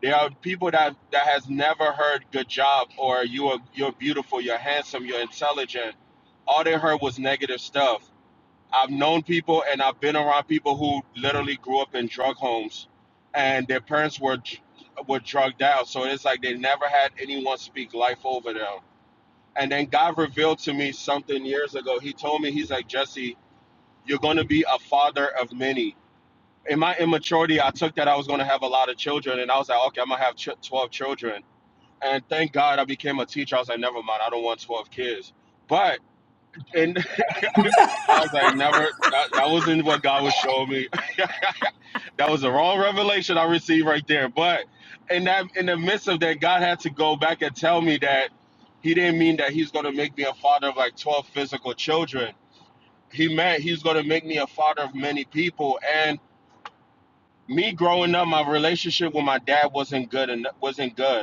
Speaker 12: There are people that that has never heard "good job" or "you are you're beautiful, you're handsome, you're intelligent." All they heard was negative stuff. I've known people, and I've been around people who literally grew up in drug homes, and their parents were were drugged out. So it's like they never had anyone speak life over them and then God revealed to me something years ago. He told me, He's like, Jesse, you're going to be a father of many. In my immaturity, I took that I was going to have a lot of children. And I was like, okay, I'm going to have ch- 12 children. And thank God I became a teacher. I was like, never mind, I don't want 12 kids. But, and I was like, never, that, that wasn't what God was showing me. That was the wrong revelation I received right there. But in that in the midst of that, God had to go back and tell me that he didn't mean that he's gonna make me a father of like twelve physical children. He meant he's gonna make me a father of many people. And me growing up, my relationship with my dad wasn't good and wasn't good.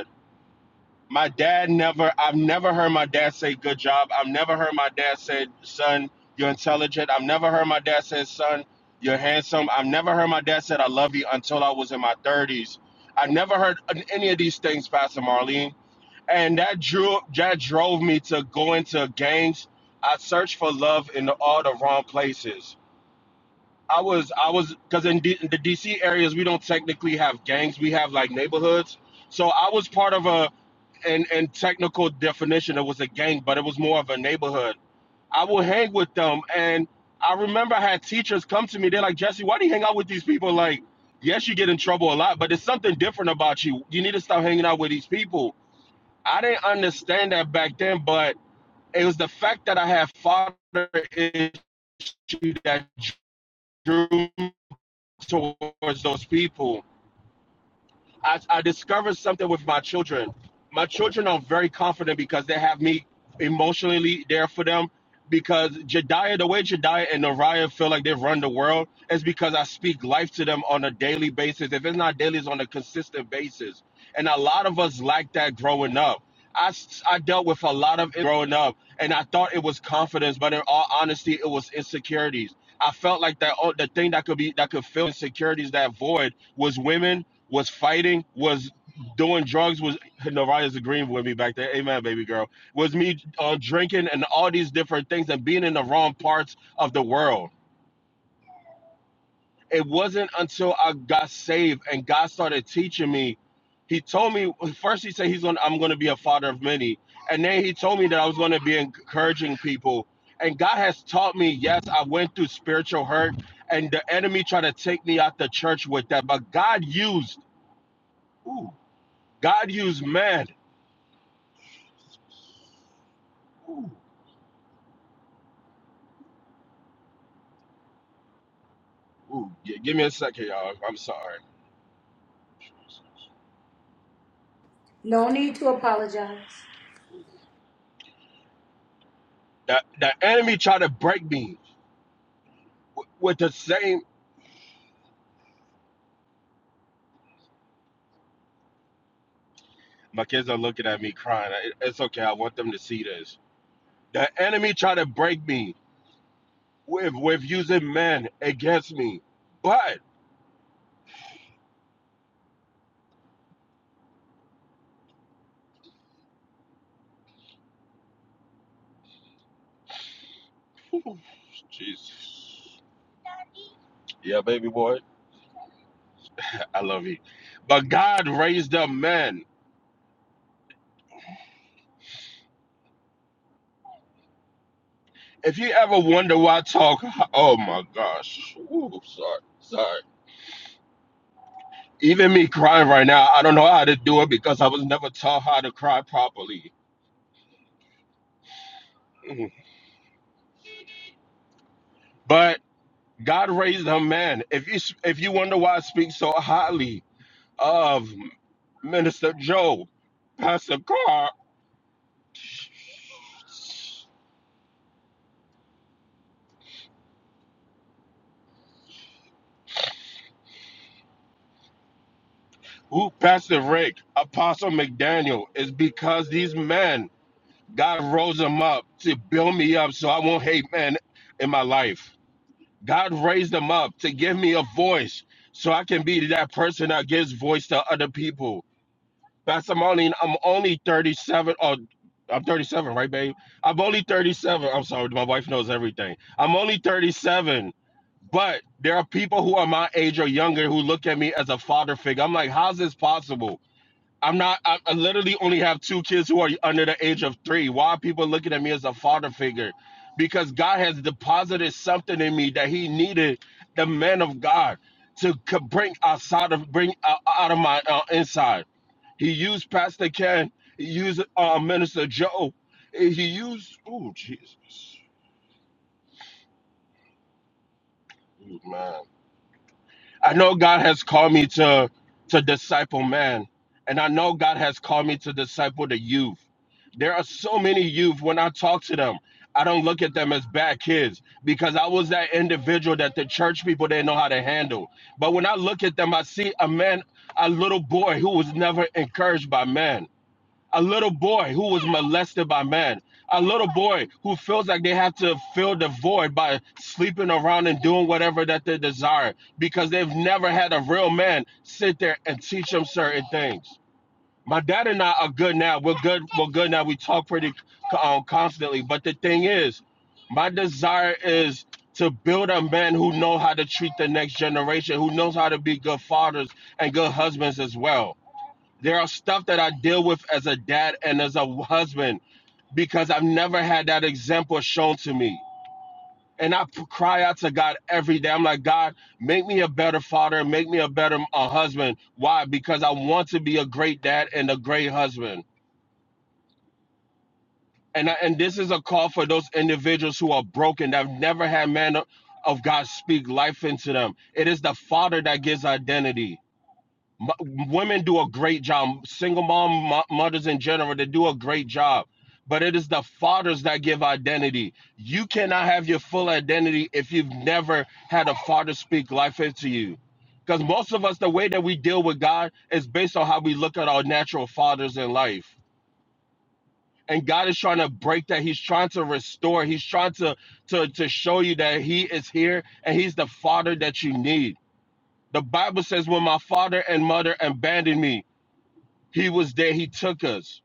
Speaker 12: My dad never, I've never heard my dad say, good job. I've never heard my dad say, son, you're intelligent. I've never heard my dad say, son, you're handsome. I've never heard my dad said, I love you until I was in my 30s. I've never heard any of these things, Pastor Marlene. And that drew, that drove me to go into gangs. I searched for love in the, all the wrong places. I was, I was, because in, D, in the DC areas, we don't technically have gangs. We have like neighborhoods. So I was part of a, and and technical definition it was a gang but it was more of a neighborhood i would hang with them and i remember i had teachers come to me they're like jesse why do you hang out with these people like yes you get in trouble a lot but there's something different about you you need to stop hanging out with these people i didn't understand that back then but it was the fact that i had father issue that drew me towards those people I, I discovered something with my children. My children are very confident because they have me emotionally there for them. Because Jediah, the way Jediah and Nariah feel like they've run the world is because I speak life to them on a daily basis. If it's not daily, it's on a consistent basis. And a lot of us like that growing up. I, s- I dealt with a lot of it growing up, and I thought it was confidence, but in all honesty, it was insecurities. I felt like that oh, the thing that could be that could fill insecurities, that void, was women was fighting, was doing drugs, was Naraya's agreeing with me back there. Amen, baby girl. Was me uh, drinking and all these different things and being in the wrong parts of the world. It wasn't until I got saved and God started teaching me. He told me first. He said he's going. to I'm going to be a father of many, and then he told me that I was going to be encouraging people. And God has taught me. Yes, I went through spiritual hurt, and the enemy tried to take me out the church with that. But God used. Ooh, God used man Ooh, ooh, yeah, give me a second, y'all. I'm sorry. The, the enemy tried to break me w- with the same. My kids are looking at me crying. I- It's okay. I want them to see this. The enemy tried to break me with with using men against me, but ooh, Jesus, yeah, baby boy, I love you. But God raised up men. If you ever wonder why I talk, oh my gosh, Ooh, sorry, sorry. Even me crying right now, I don't know how to do it because I was never taught how to cry properly. But God raised a man. If you if you wonder why I speak so highly of Minister Joe, Pastor Carr, who Pastor Rick, Apostle McDaniel, is because these men, God rose them up to build me up so I won't hate men in my life. God raised them up to give me a voice so I can be that person that gives voice to other people. Pastor Marlene, I'm only 37 or I'm 37, right, babe? I'm only 37. I'm sorry, my wife knows everything. I'm only 37, but there are people who are my age or younger who look at me as a father figure. I'm like, how's this possible? I'm not. I, I literally only have two kids who are under the age of three. Why are people looking at me as a father figure? Because God has deposited something in me that He needed the man of God to co- bring outside of bring out out of my uh, inside. He used Pastor Ken. He used uh, Minister Joe. He used. Oh Jesus, Ooh, man. I know God has called me to to disciple man, and I know God has called me to disciple the youth. There are so many youth when I talk to them, I don't look at them as bad kids because I was that individual that the church people didn't know how to handle. But when I look at them, I see a man, a little boy who was never encouraged by man a little boy who was molested by men, a little boy who feels like they have to fill the void by sleeping around and doing whatever that they desire because they've never had a real man sit there and teach them certain things. My dad and I are good now. We're good. We're good now. We talk pretty um, constantly. But the thing is, my desire is to build a man who knows how to treat the next generation, who knows how to be good fathers and good husbands as well there are stuff that I deal with as a dad and as a husband because I've never had that example shown to me. And I cry out to God every day. I'm like, God, make me a better father, make me a better a husband. Why? Because I want to be a great dad and a great husband. And I, and this is a call for those individuals who are broken that've never had man of God speak life into them. It is the father that gives identity. Mo- women do a great job. Single mom mo- mothers in general, they do a great job. But it is the fathers that give identity. You cannot have your full identity if you've never had a father speak life into you. Because most of us, the way that we deal with God is based on how we look at our natural fathers in life. And God is trying to break that. He's trying to restore. He's trying to, to, to show you that He is here and He's the father that you need. The Bible says, When my father and mother abandoned me, he was there. He took us.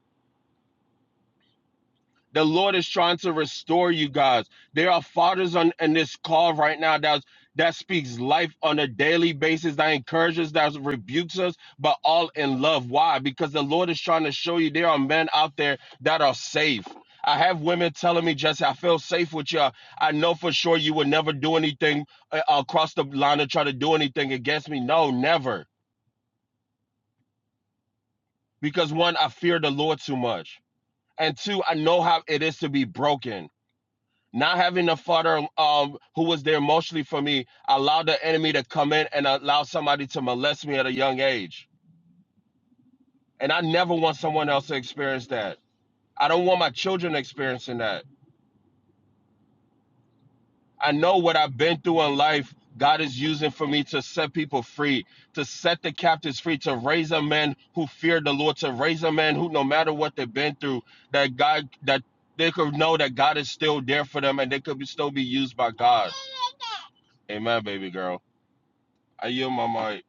Speaker 12: The Lord is trying to restore you guys. There are fathers on in this call right now that's that speaks life on a daily basis, that encourages, that rebukes us, but all in love. Why? Because the Lord is trying to show you there are men out there that are safe. I have women telling me, Jesse, I feel safe with you. I know for sure you would never do anything uh, across the line to try to do anything against me. No, never. Because one, I fear the Lord too much. and two, I know how it is to be broken. Not having a father um, who was there emotionally for me allowed the enemy to come in and allow somebody to molest me at a young age. And I never want someone else to experience that. I don't want my children experiencing that. I know what I've been through in life, God is using for me to set people free, to set the captives free, to raise a man who feared the Lord, to raise a man who, no matter what they've been through, that God, that they could know that God is still there for them and they could be, still be used by God. Amen, baby girl. I yield my mic.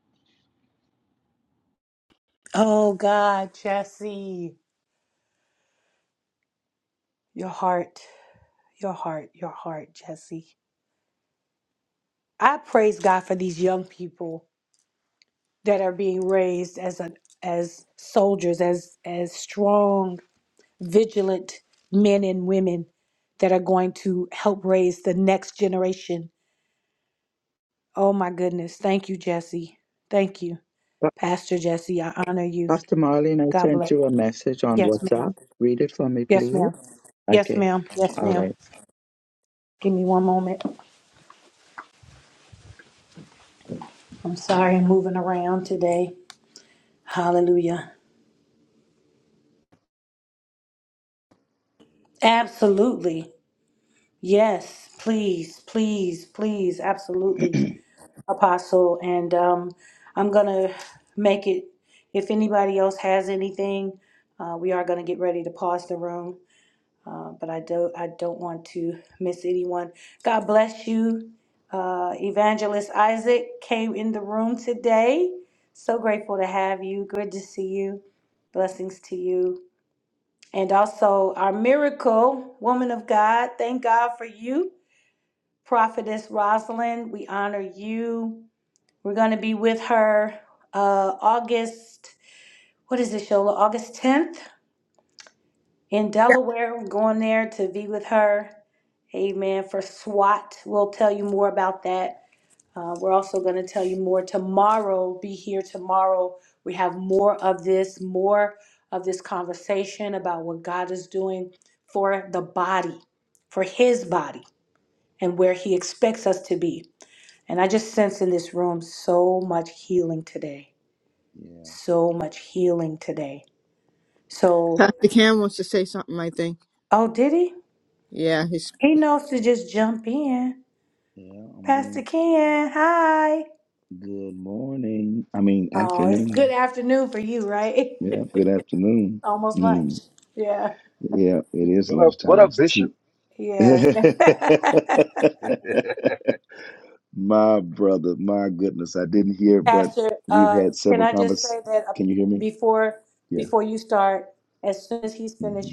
Speaker 7: Pastor Marlene, I sent you a message on WhatsApp. Read it for me, please. Okay. All right.
Speaker 10: Yeah,
Speaker 2: Pastor Cam wants to say something, I think. Yeah, his
Speaker 10: yeah, I'm being good morning. I mean, afternoon. Yeah, good afternoon. Mm, yeah, it is lunchtime. It's two. my brother, my goodness, I didn't hear, but we've had several convers. Can you hear me? Yeah. hmm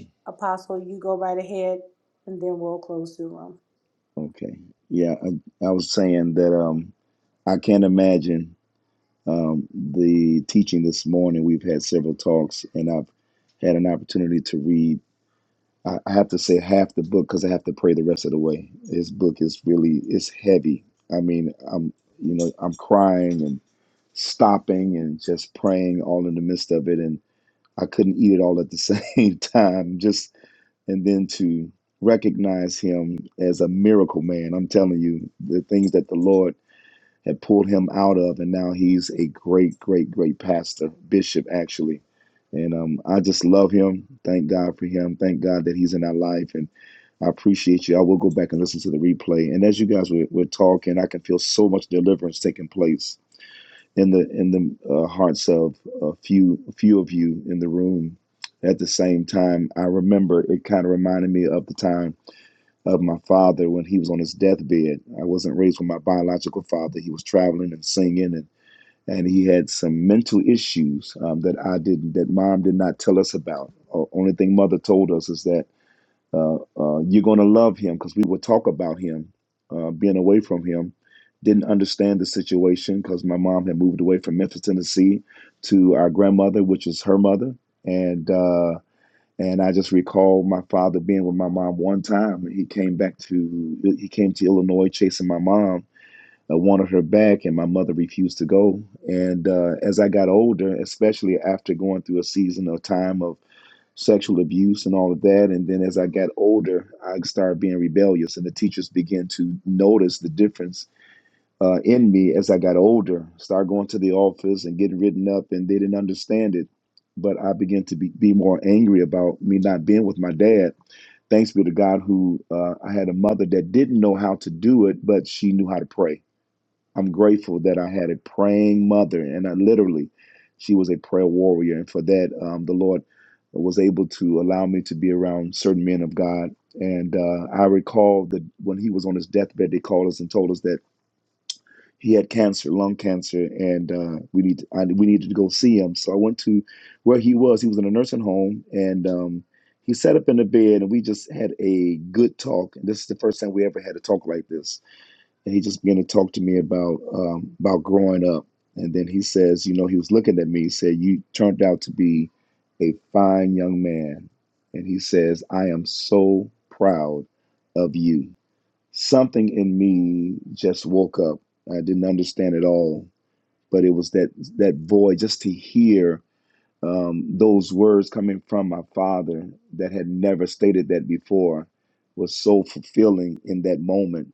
Speaker 10: Okay. Yeah, I, I was saying that um, I can't imagine um, the teaching this morning. We've had several talks, and I've had an opportunity to read. I, I have to say half the book because I have to pray the rest of the way. His book is really it's heavy. I mean, I'm you know I'm crying and stopping and just praying all in the midst of it, and I couldn't eat it all at the same time. Just and then to recognize him as a miracle man. I'm telling you the things that the Lord had pulled him out of, and now he's a great, great, great pastor, bishop actually. And um, I just love him. Thank God for him. Thank God that he's in our life, and I appreciate you. I will go back and listen to the replay. And as you guys were, were talking, I can feel so much deliverance taking place in the in the uh, hearts of a few a few of you in the room. At the same time, I remember it kind of reminded me of the time of my father when he was on his deathbed. I wasn't raised with my biological father. He was traveling and singing, and, and he had some mental issues um, that I didn't, that mom did not tell us about. Uh, only thing mother told us is that uh, uh, you're going to love him because we would talk about him uh, being away from him. Didn't understand the situation because my mom had moved away from Memphis, Tennessee to our grandmother, which is her mother. And uh, and I just recall my father being with my mom one time. He came back to he came to Illinois chasing my mom. I wanted her back, and my mother refused to go. And uh, as I got older, especially after going through a season of time of sexual abuse and all of that, and then as I got older, I started being rebellious, and the teachers began to notice the difference uh, in me as I got older, started going to the office and getting written up, and they didn't understand it. But I began to be, be more angry about me not being with my dad. Thanks be to God, who uh, I had a mother that didn't know how to do it, but she knew how to pray. I'm grateful that I had a praying mother, and I literally, she was a prayer warrior. And for that, um, the Lord was able to allow me to be around certain men of God. And uh, I recall that when he was on his deathbed, they called us and told us that he had cancer, lung cancer, and uh, we need to, I, we needed to go see him. So I went to where he was. He was in a nursing home, and um, he sat up in the bed, and we just had a good talk. And this is the first time we ever had a talk like this. And he just began to talk to me about um, about growing up. And then he says, you know, he was looking at me. He said, "You turned out to be a fine young man," and he says, "I am so proud of you." something in me just woke up. I didn't understand it all, but it was that that void just to hear um, those words coming from my father that had never stated that before was so fulfilling in that moment.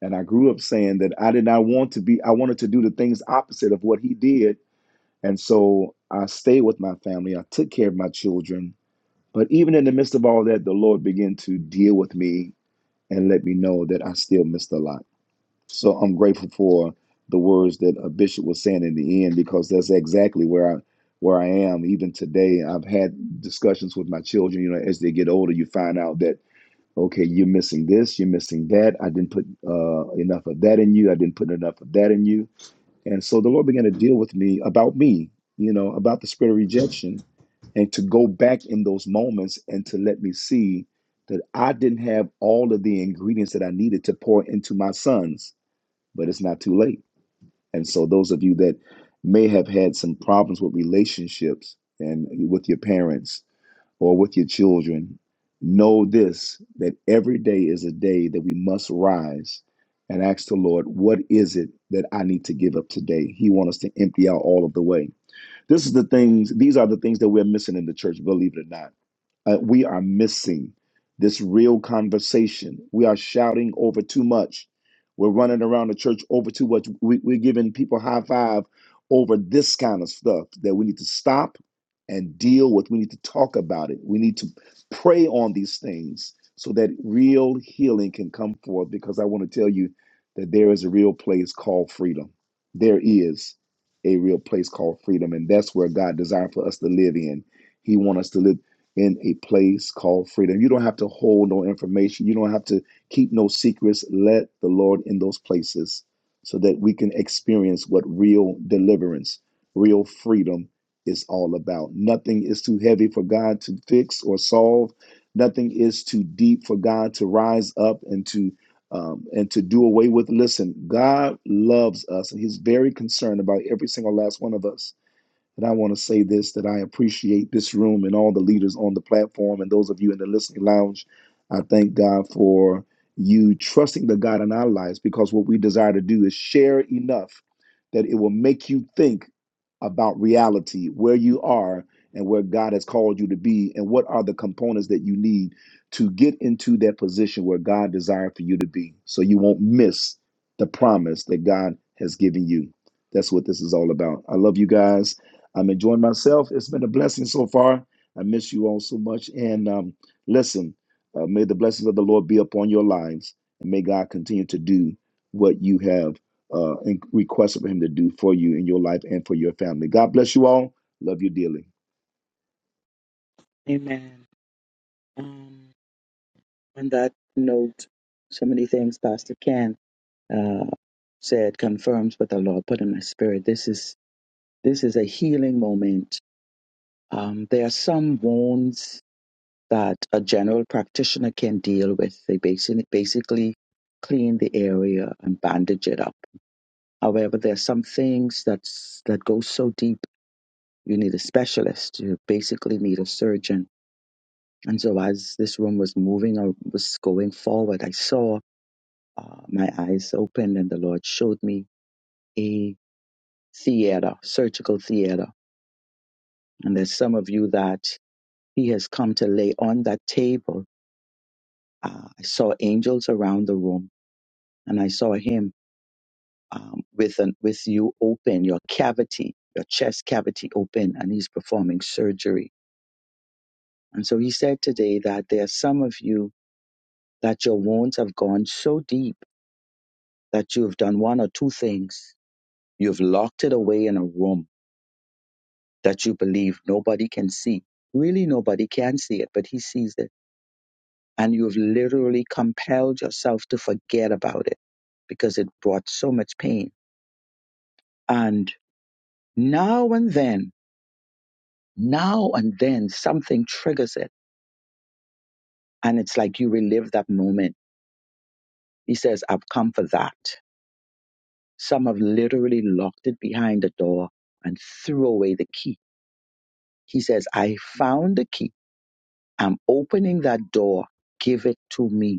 Speaker 10: And I grew up saying that I did not want to be. I wanted to do the things opposite of what he did, and so I stayed with my family. I took care of my children. But even in the midst of all that, the Lord began to deal with me and let me know that I still missed a lot so I'm grateful for the words that a bishop was saying in the end because that's exactly where I where I am even today. I've had discussions with my children. You know, as they get older, you find out that okay, you're missing this, you're missing that. I didn't put uh, enough of that in you. I didn't put enough of that in you. And so the Lord began to deal with me about me. You know, about the spirit of rejection, and to go back in those moments and to let me see that I didn't have all of the ingredients that I needed to pour into my sons but it's not too late. And so, those of you that may have had some problems with relationships and with your parents or with your children, know this that every day is a day that we must rise and ask the Lord, what is it that I need to give up today? He wants us to empty out all of the way. This is the things, these are the things that we're missing in the church, believe it or not uh, we are missing this real conversation. We are shouting over too much. We're running around the church over too much. We, we're giving people high five over this kind of stuff that we need to stop and deal with. We need to talk about it. We need to pray on these things so that real healing can come forth. Because I want to tell you that there is a real place called freedom. There is a real place called freedom, and that's where God desired for us to live in. He wants us to live in a place called freedom. You don't have to hold no information. You don't have to keep no secrets. Let the Lord in those places so that we can experience what real deliverance, real freedom is all about. Nothing is too heavy for God to fix or solve. Nothing is too deep for God to rise up and to um, and to do away with. Listen, God loves us, and He's very concerned about every single last one of us. And I want to say this that I appreciate this room and all the leaders on the platform and those of you in the listening lounge. I thank God for you trusting the God in our lives because what we desire to do is share enough that it will make you think about reality, where you are and where God has called you to be, and what are the components that you need to get into that position where God desired for you to be so you won't miss the promise that God has given you. That's what this is all about. I love you guys. I'm enjoying myself. It's been a blessing so far. I miss you all so much. And um, listen, uh, may the blessings of the Lord be upon your lives, and may God continue to do what you have uh, in- requested for Him to do for you in your life and for your family. God bless you all. Love you dearly.
Speaker 7: Amen. On that note, so many things Pastor Ken uh, said confirms what the Lord put in my spirit. This is this is a healing moment. Um, there are some wounds that a general practitioner can deal with. They basically basically clean the area and bandage it up. However, there are some things that's that go so deep. You need a specialist. You basically need a surgeon. And so, as this room was moving or was going forward, I saw uh, my eyes opened and the Lord showed me a theater, surgical theater. And there's some of you that He has come to lay on that table. Uh, I saw angels around the room and I saw Him um, with, an, with you open, your cavity, your chest cavity open, and He's performing surgery. And so He said today that there are some of you that your wounds have gone so deep that you've done one or two things. You've locked it away in a room that you believe nobody can see. Really, nobody can see it, but he sees it. And you've literally compelled yourself to forget about it because it brought so much pain. And now and then, now and then, something triggers it. And it's like you relive that moment. He says, I've come for that. Some have literally locked it behind the door and threw away the key. He says, I found the key. I'm opening that door. Give it to me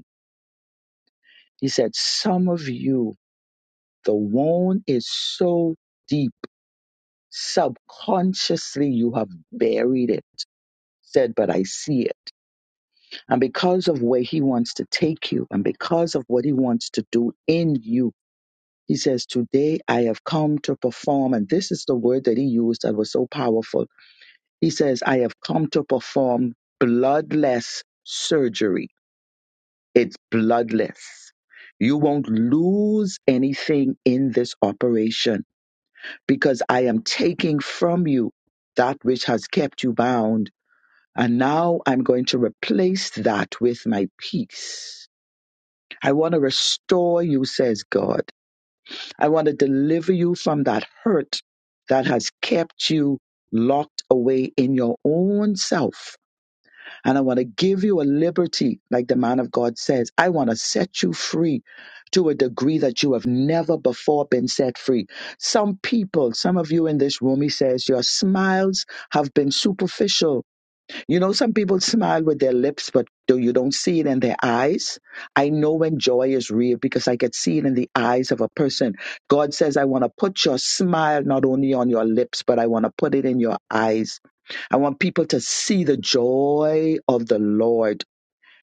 Speaker 7: He said, Some of you, the wound is so deep, subconsciously you have buried it. Said, but I see it. And because of where he wants to take you and because of what he wants to do in you, he says, Today I have come to perform. And this is the word that he used that was so powerful. He says, I have come to perform bloodless surgery. It's bloodless. You won't lose anything in this operation because I am taking from you that which has kept you bound. And now I'm going to replace that with my peace. I want to restore you, says God. I want to deliver you from that hurt that has kept you locked away in your own self and I want to give you a liberty, like the man of God says. I want to set you free to a degree that you have never before been set free. Some people, some of you in this room, he says, your smiles have been superficial. You know, some people smile with their lips, but do- you don't see it in their eyes. I know when joy is real because I could see it in the eyes of a person. God says, I want to put your smile not only on your lips, but I want to put it in your eyes. I want people to see the joy of the Lord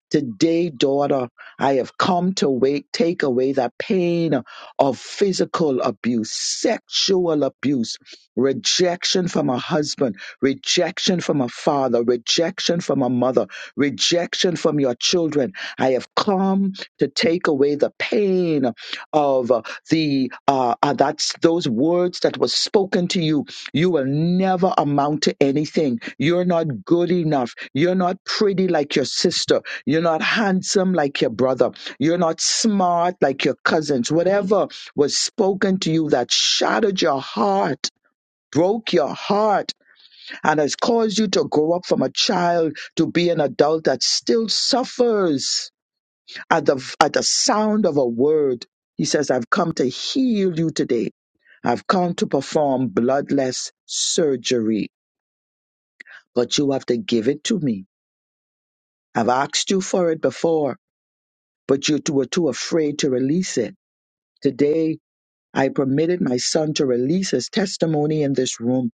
Speaker 7: Today, daughter, I have come to wake, take away the pain of physical abuse, sexual abuse, rejection from a husband, rejection from a father, rejection from a mother, rejection from your children. I have come to take away the pain of uh, the uh, uh, that's those words that were spoken to you. You will never amount to anything. You're not good enough. You're not pretty like your sister. You're not handsome like your brother. You're not smart like your cousins. Whatever was spoken to you that shattered your heart, broke your heart, and has caused you to grow up from a child to be an adult that still suffers at the, at the sound of a word. He says, I've come to heal you today. I've come to perform bloodless surgery, but you have to give it to me. I've asked you for it before, but you two were too afraid to release it. Today, I permitted my son to release his testimony in this room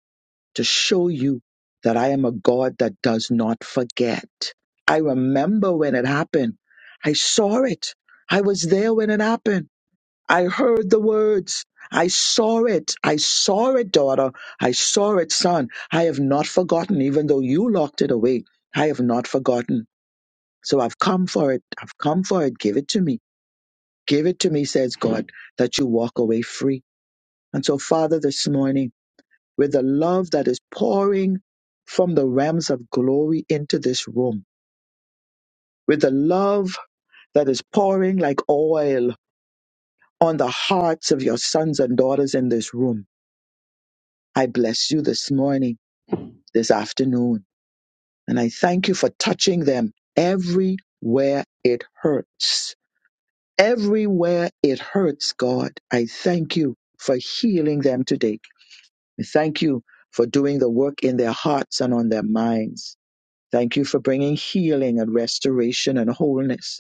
Speaker 7: to show you that I am a God that does not forget. I remember when it happened. I saw it. I was there when it happened. I heard the words. I saw it. I saw it, daughter. I saw it, son. I have not forgotten, even though you locked it away. I have not forgotten. So I've come for it. I've come for it. Give it to me. Give it to me, says God, that you walk away free. And so, Father, this morning, with the love that is pouring from the realms of glory into this room, with the love that is pouring like oil on the hearts of your sons and daughters in this room, I bless you this morning, this afternoon, and I thank you for touching them everywhere it hurts. Everywhere it hurts, God, I thank you for healing them today. I thank you for doing the work in their hearts and on their minds. Thank you for bringing healing and restoration and wholeness.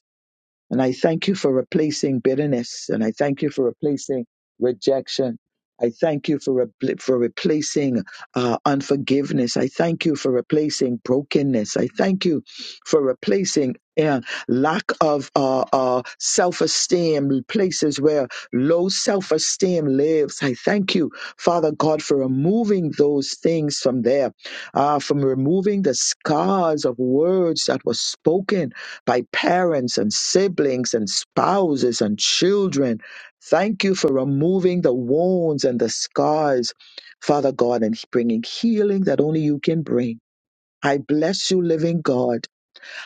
Speaker 7: And I thank you for replacing bitterness. And I thank you for replacing rejection. I thank you for, re- for replacing uh, unforgiveness. I thank you for replacing brokenness. I thank you for replacing uh, lack of uh, uh, self esteem, places where low self esteem lives. I thank you, Father God, for removing those things from there, uh, from removing the scars of words that were spoken by parents and siblings and spouses and children. Thank you for removing the wounds and the scars, Father God, and bringing healing that only you can bring. I bless you, living God.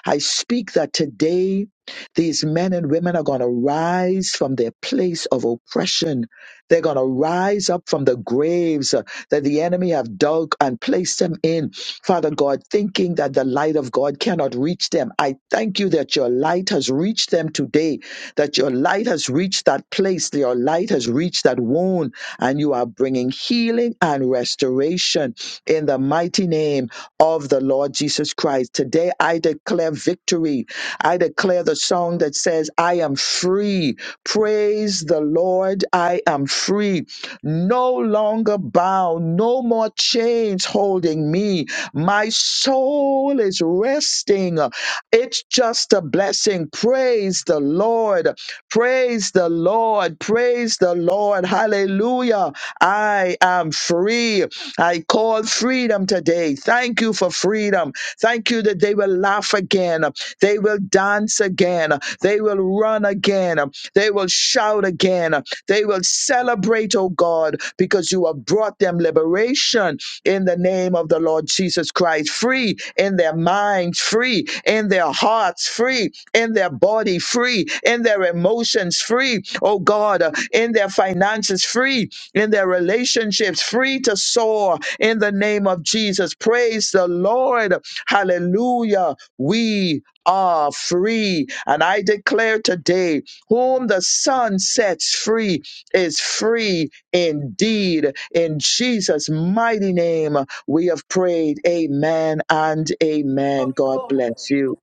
Speaker 7: I speak that today these men and women are going to rise from their place of oppression. They're going to rise up from the graves uh, that the enemy have dug and placed them in. Father God, thinking that the light of God cannot reach them. I thank you that your light has reached them today, that your light has reached that place, that your light has reached that wound, and you are bringing healing and restoration in the mighty name of the Lord Jesus Christ. Today, I declare victory. I declare the song that says, I am free. Praise the Lord. I am free. No longer bound, no more chains holding me. My soul is resting. It's just a blessing. Praise the Lord. Praise the Lord. Praise the Lord. Hallelujah. I am free. I call freedom today. Thank you for freedom. Thank you that they will laugh again. They will dance again. They will run again. They will shout again. They will celebrate, oh God, because you have brought them liberation in the name of the Lord Jesus Christ. Free in their minds, free in their hearts, free in their body, free in their emotions, free, oh God, in their finances, free in their relationships, free to soar in the name of Jesus. Praise the Lord. Hallelujah. We are free. And I declare today, whom the Son sets free is free indeed. In Jesus' mighty name, we have prayed. Amen and amen. God bless you.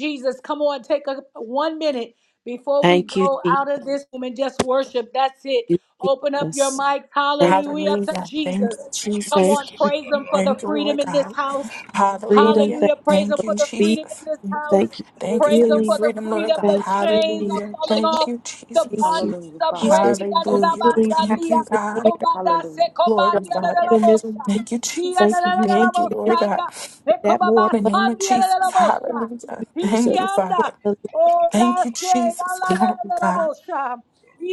Speaker 1: Jesus. Come on, take a one minute before we
Speaker 5: Thank you,
Speaker 1: go
Speaker 5: Jesus.
Speaker 1: out of this room and just worship. That's it. Open up your mic.
Speaker 5: Thank,
Speaker 1: Hallelujah to
Speaker 4: Hallelujah. Thank you,
Speaker 1: Jesus. Come
Speaker 5: thank
Speaker 4: Jesus.
Speaker 1: on,
Speaker 5: you,
Speaker 1: praise Him for the
Speaker 4: Thank you,
Speaker 1: freedom
Speaker 4: Lord
Speaker 1: in this
Speaker 4: God.
Speaker 1: house.
Speaker 5: freedom.
Speaker 4: Hallelujah.
Speaker 5: Thank
Speaker 1: Hallelujah.
Speaker 5: you
Speaker 1: Praise Him
Speaker 4: Thank
Speaker 5: for
Speaker 1: for
Speaker 4: you,
Speaker 1: the
Speaker 5: relief.
Speaker 1: freedom in
Speaker 4: Jesus.
Speaker 1: this house.
Speaker 5: Thank you for
Speaker 4: Thank you
Speaker 1: Praise
Speaker 4: for
Speaker 1: Him
Speaker 4: your
Speaker 5: healing.
Speaker 1: for the
Speaker 4: freedom, Lord
Speaker 1: freedom.
Speaker 4: God.
Speaker 1: The
Speaker 5: Thank you,
Speaker 1: chains
Speaker 5: Jesus.
Speaker 1: are
Speaker 4: Hallelujah.
Speaker 1: falling
Speaker 4: Thank
Speaker 1: off.
Speaker 4: you,
Speaker 1: The
Speaker 4: Jesus.
Speaker 5: Thank you,
Speaker 11: Hallelujah,
Speaker 1: bondages are
Speaker 11: Father.
Speaker 5: Jesus.
Speaker 1: breaking.
Speaker 11: Thank you
Speaker 4: Hallelujah.
Speaker 11: so
Speaker 5: Healing
Speaker 11: much
Speaker 5: power
Speaker 11: for
Speaker 4: Thank you,
Speaker 1: Adadabasandia,
Speaker 5: is
Speaker 11: freedom.
Speaker 4: God.
Speaker 5: here.
Speaker 1: kobadase,
Speaker 11: Hallelujah.
Speaker 5: Your
Speaker 4: Glory, Father.
Speaker 11: Hallelujah.
Speaker 5: freedom is
Speaker 1: kobadiadadadabosa.
Speaker 5: here.
Speaker 4: Thank you, Jesus.
Speaker 5: Thank
Speaker 4: We
Speaker 5: you. You came
Speaker 4: thank you,
Speaker 5: to give
Speaker 4: Lord
Speaker 5: us
Speaker 4: God.
Speaker 1: Hiadadadadadabosaya,
Speaker 5: that more
Speaker 4: In the
Speaker 5: abundant,
Speaker 4: name of Jesus.
Speaker 1: ekobabasandiadadadabosa.
Speaker 4: Hallelujah.
Speaker 5: Jesus.
Speaker 4: Thank you,
Speaker 5: For
Speaker 4: Father.
Speaker 1: Ikianda.
Speaker 5: the Lord
Speaker 4: Thank
Speaker 1: Ora
Speaker 4: you,
Speaker 1: se la
Speaker 4: Jesus.
Speaker 1: la la
Speaker 4: Glory,
Speaker 1: la la la
Speaker 4: God.
Speaker 1: bosha.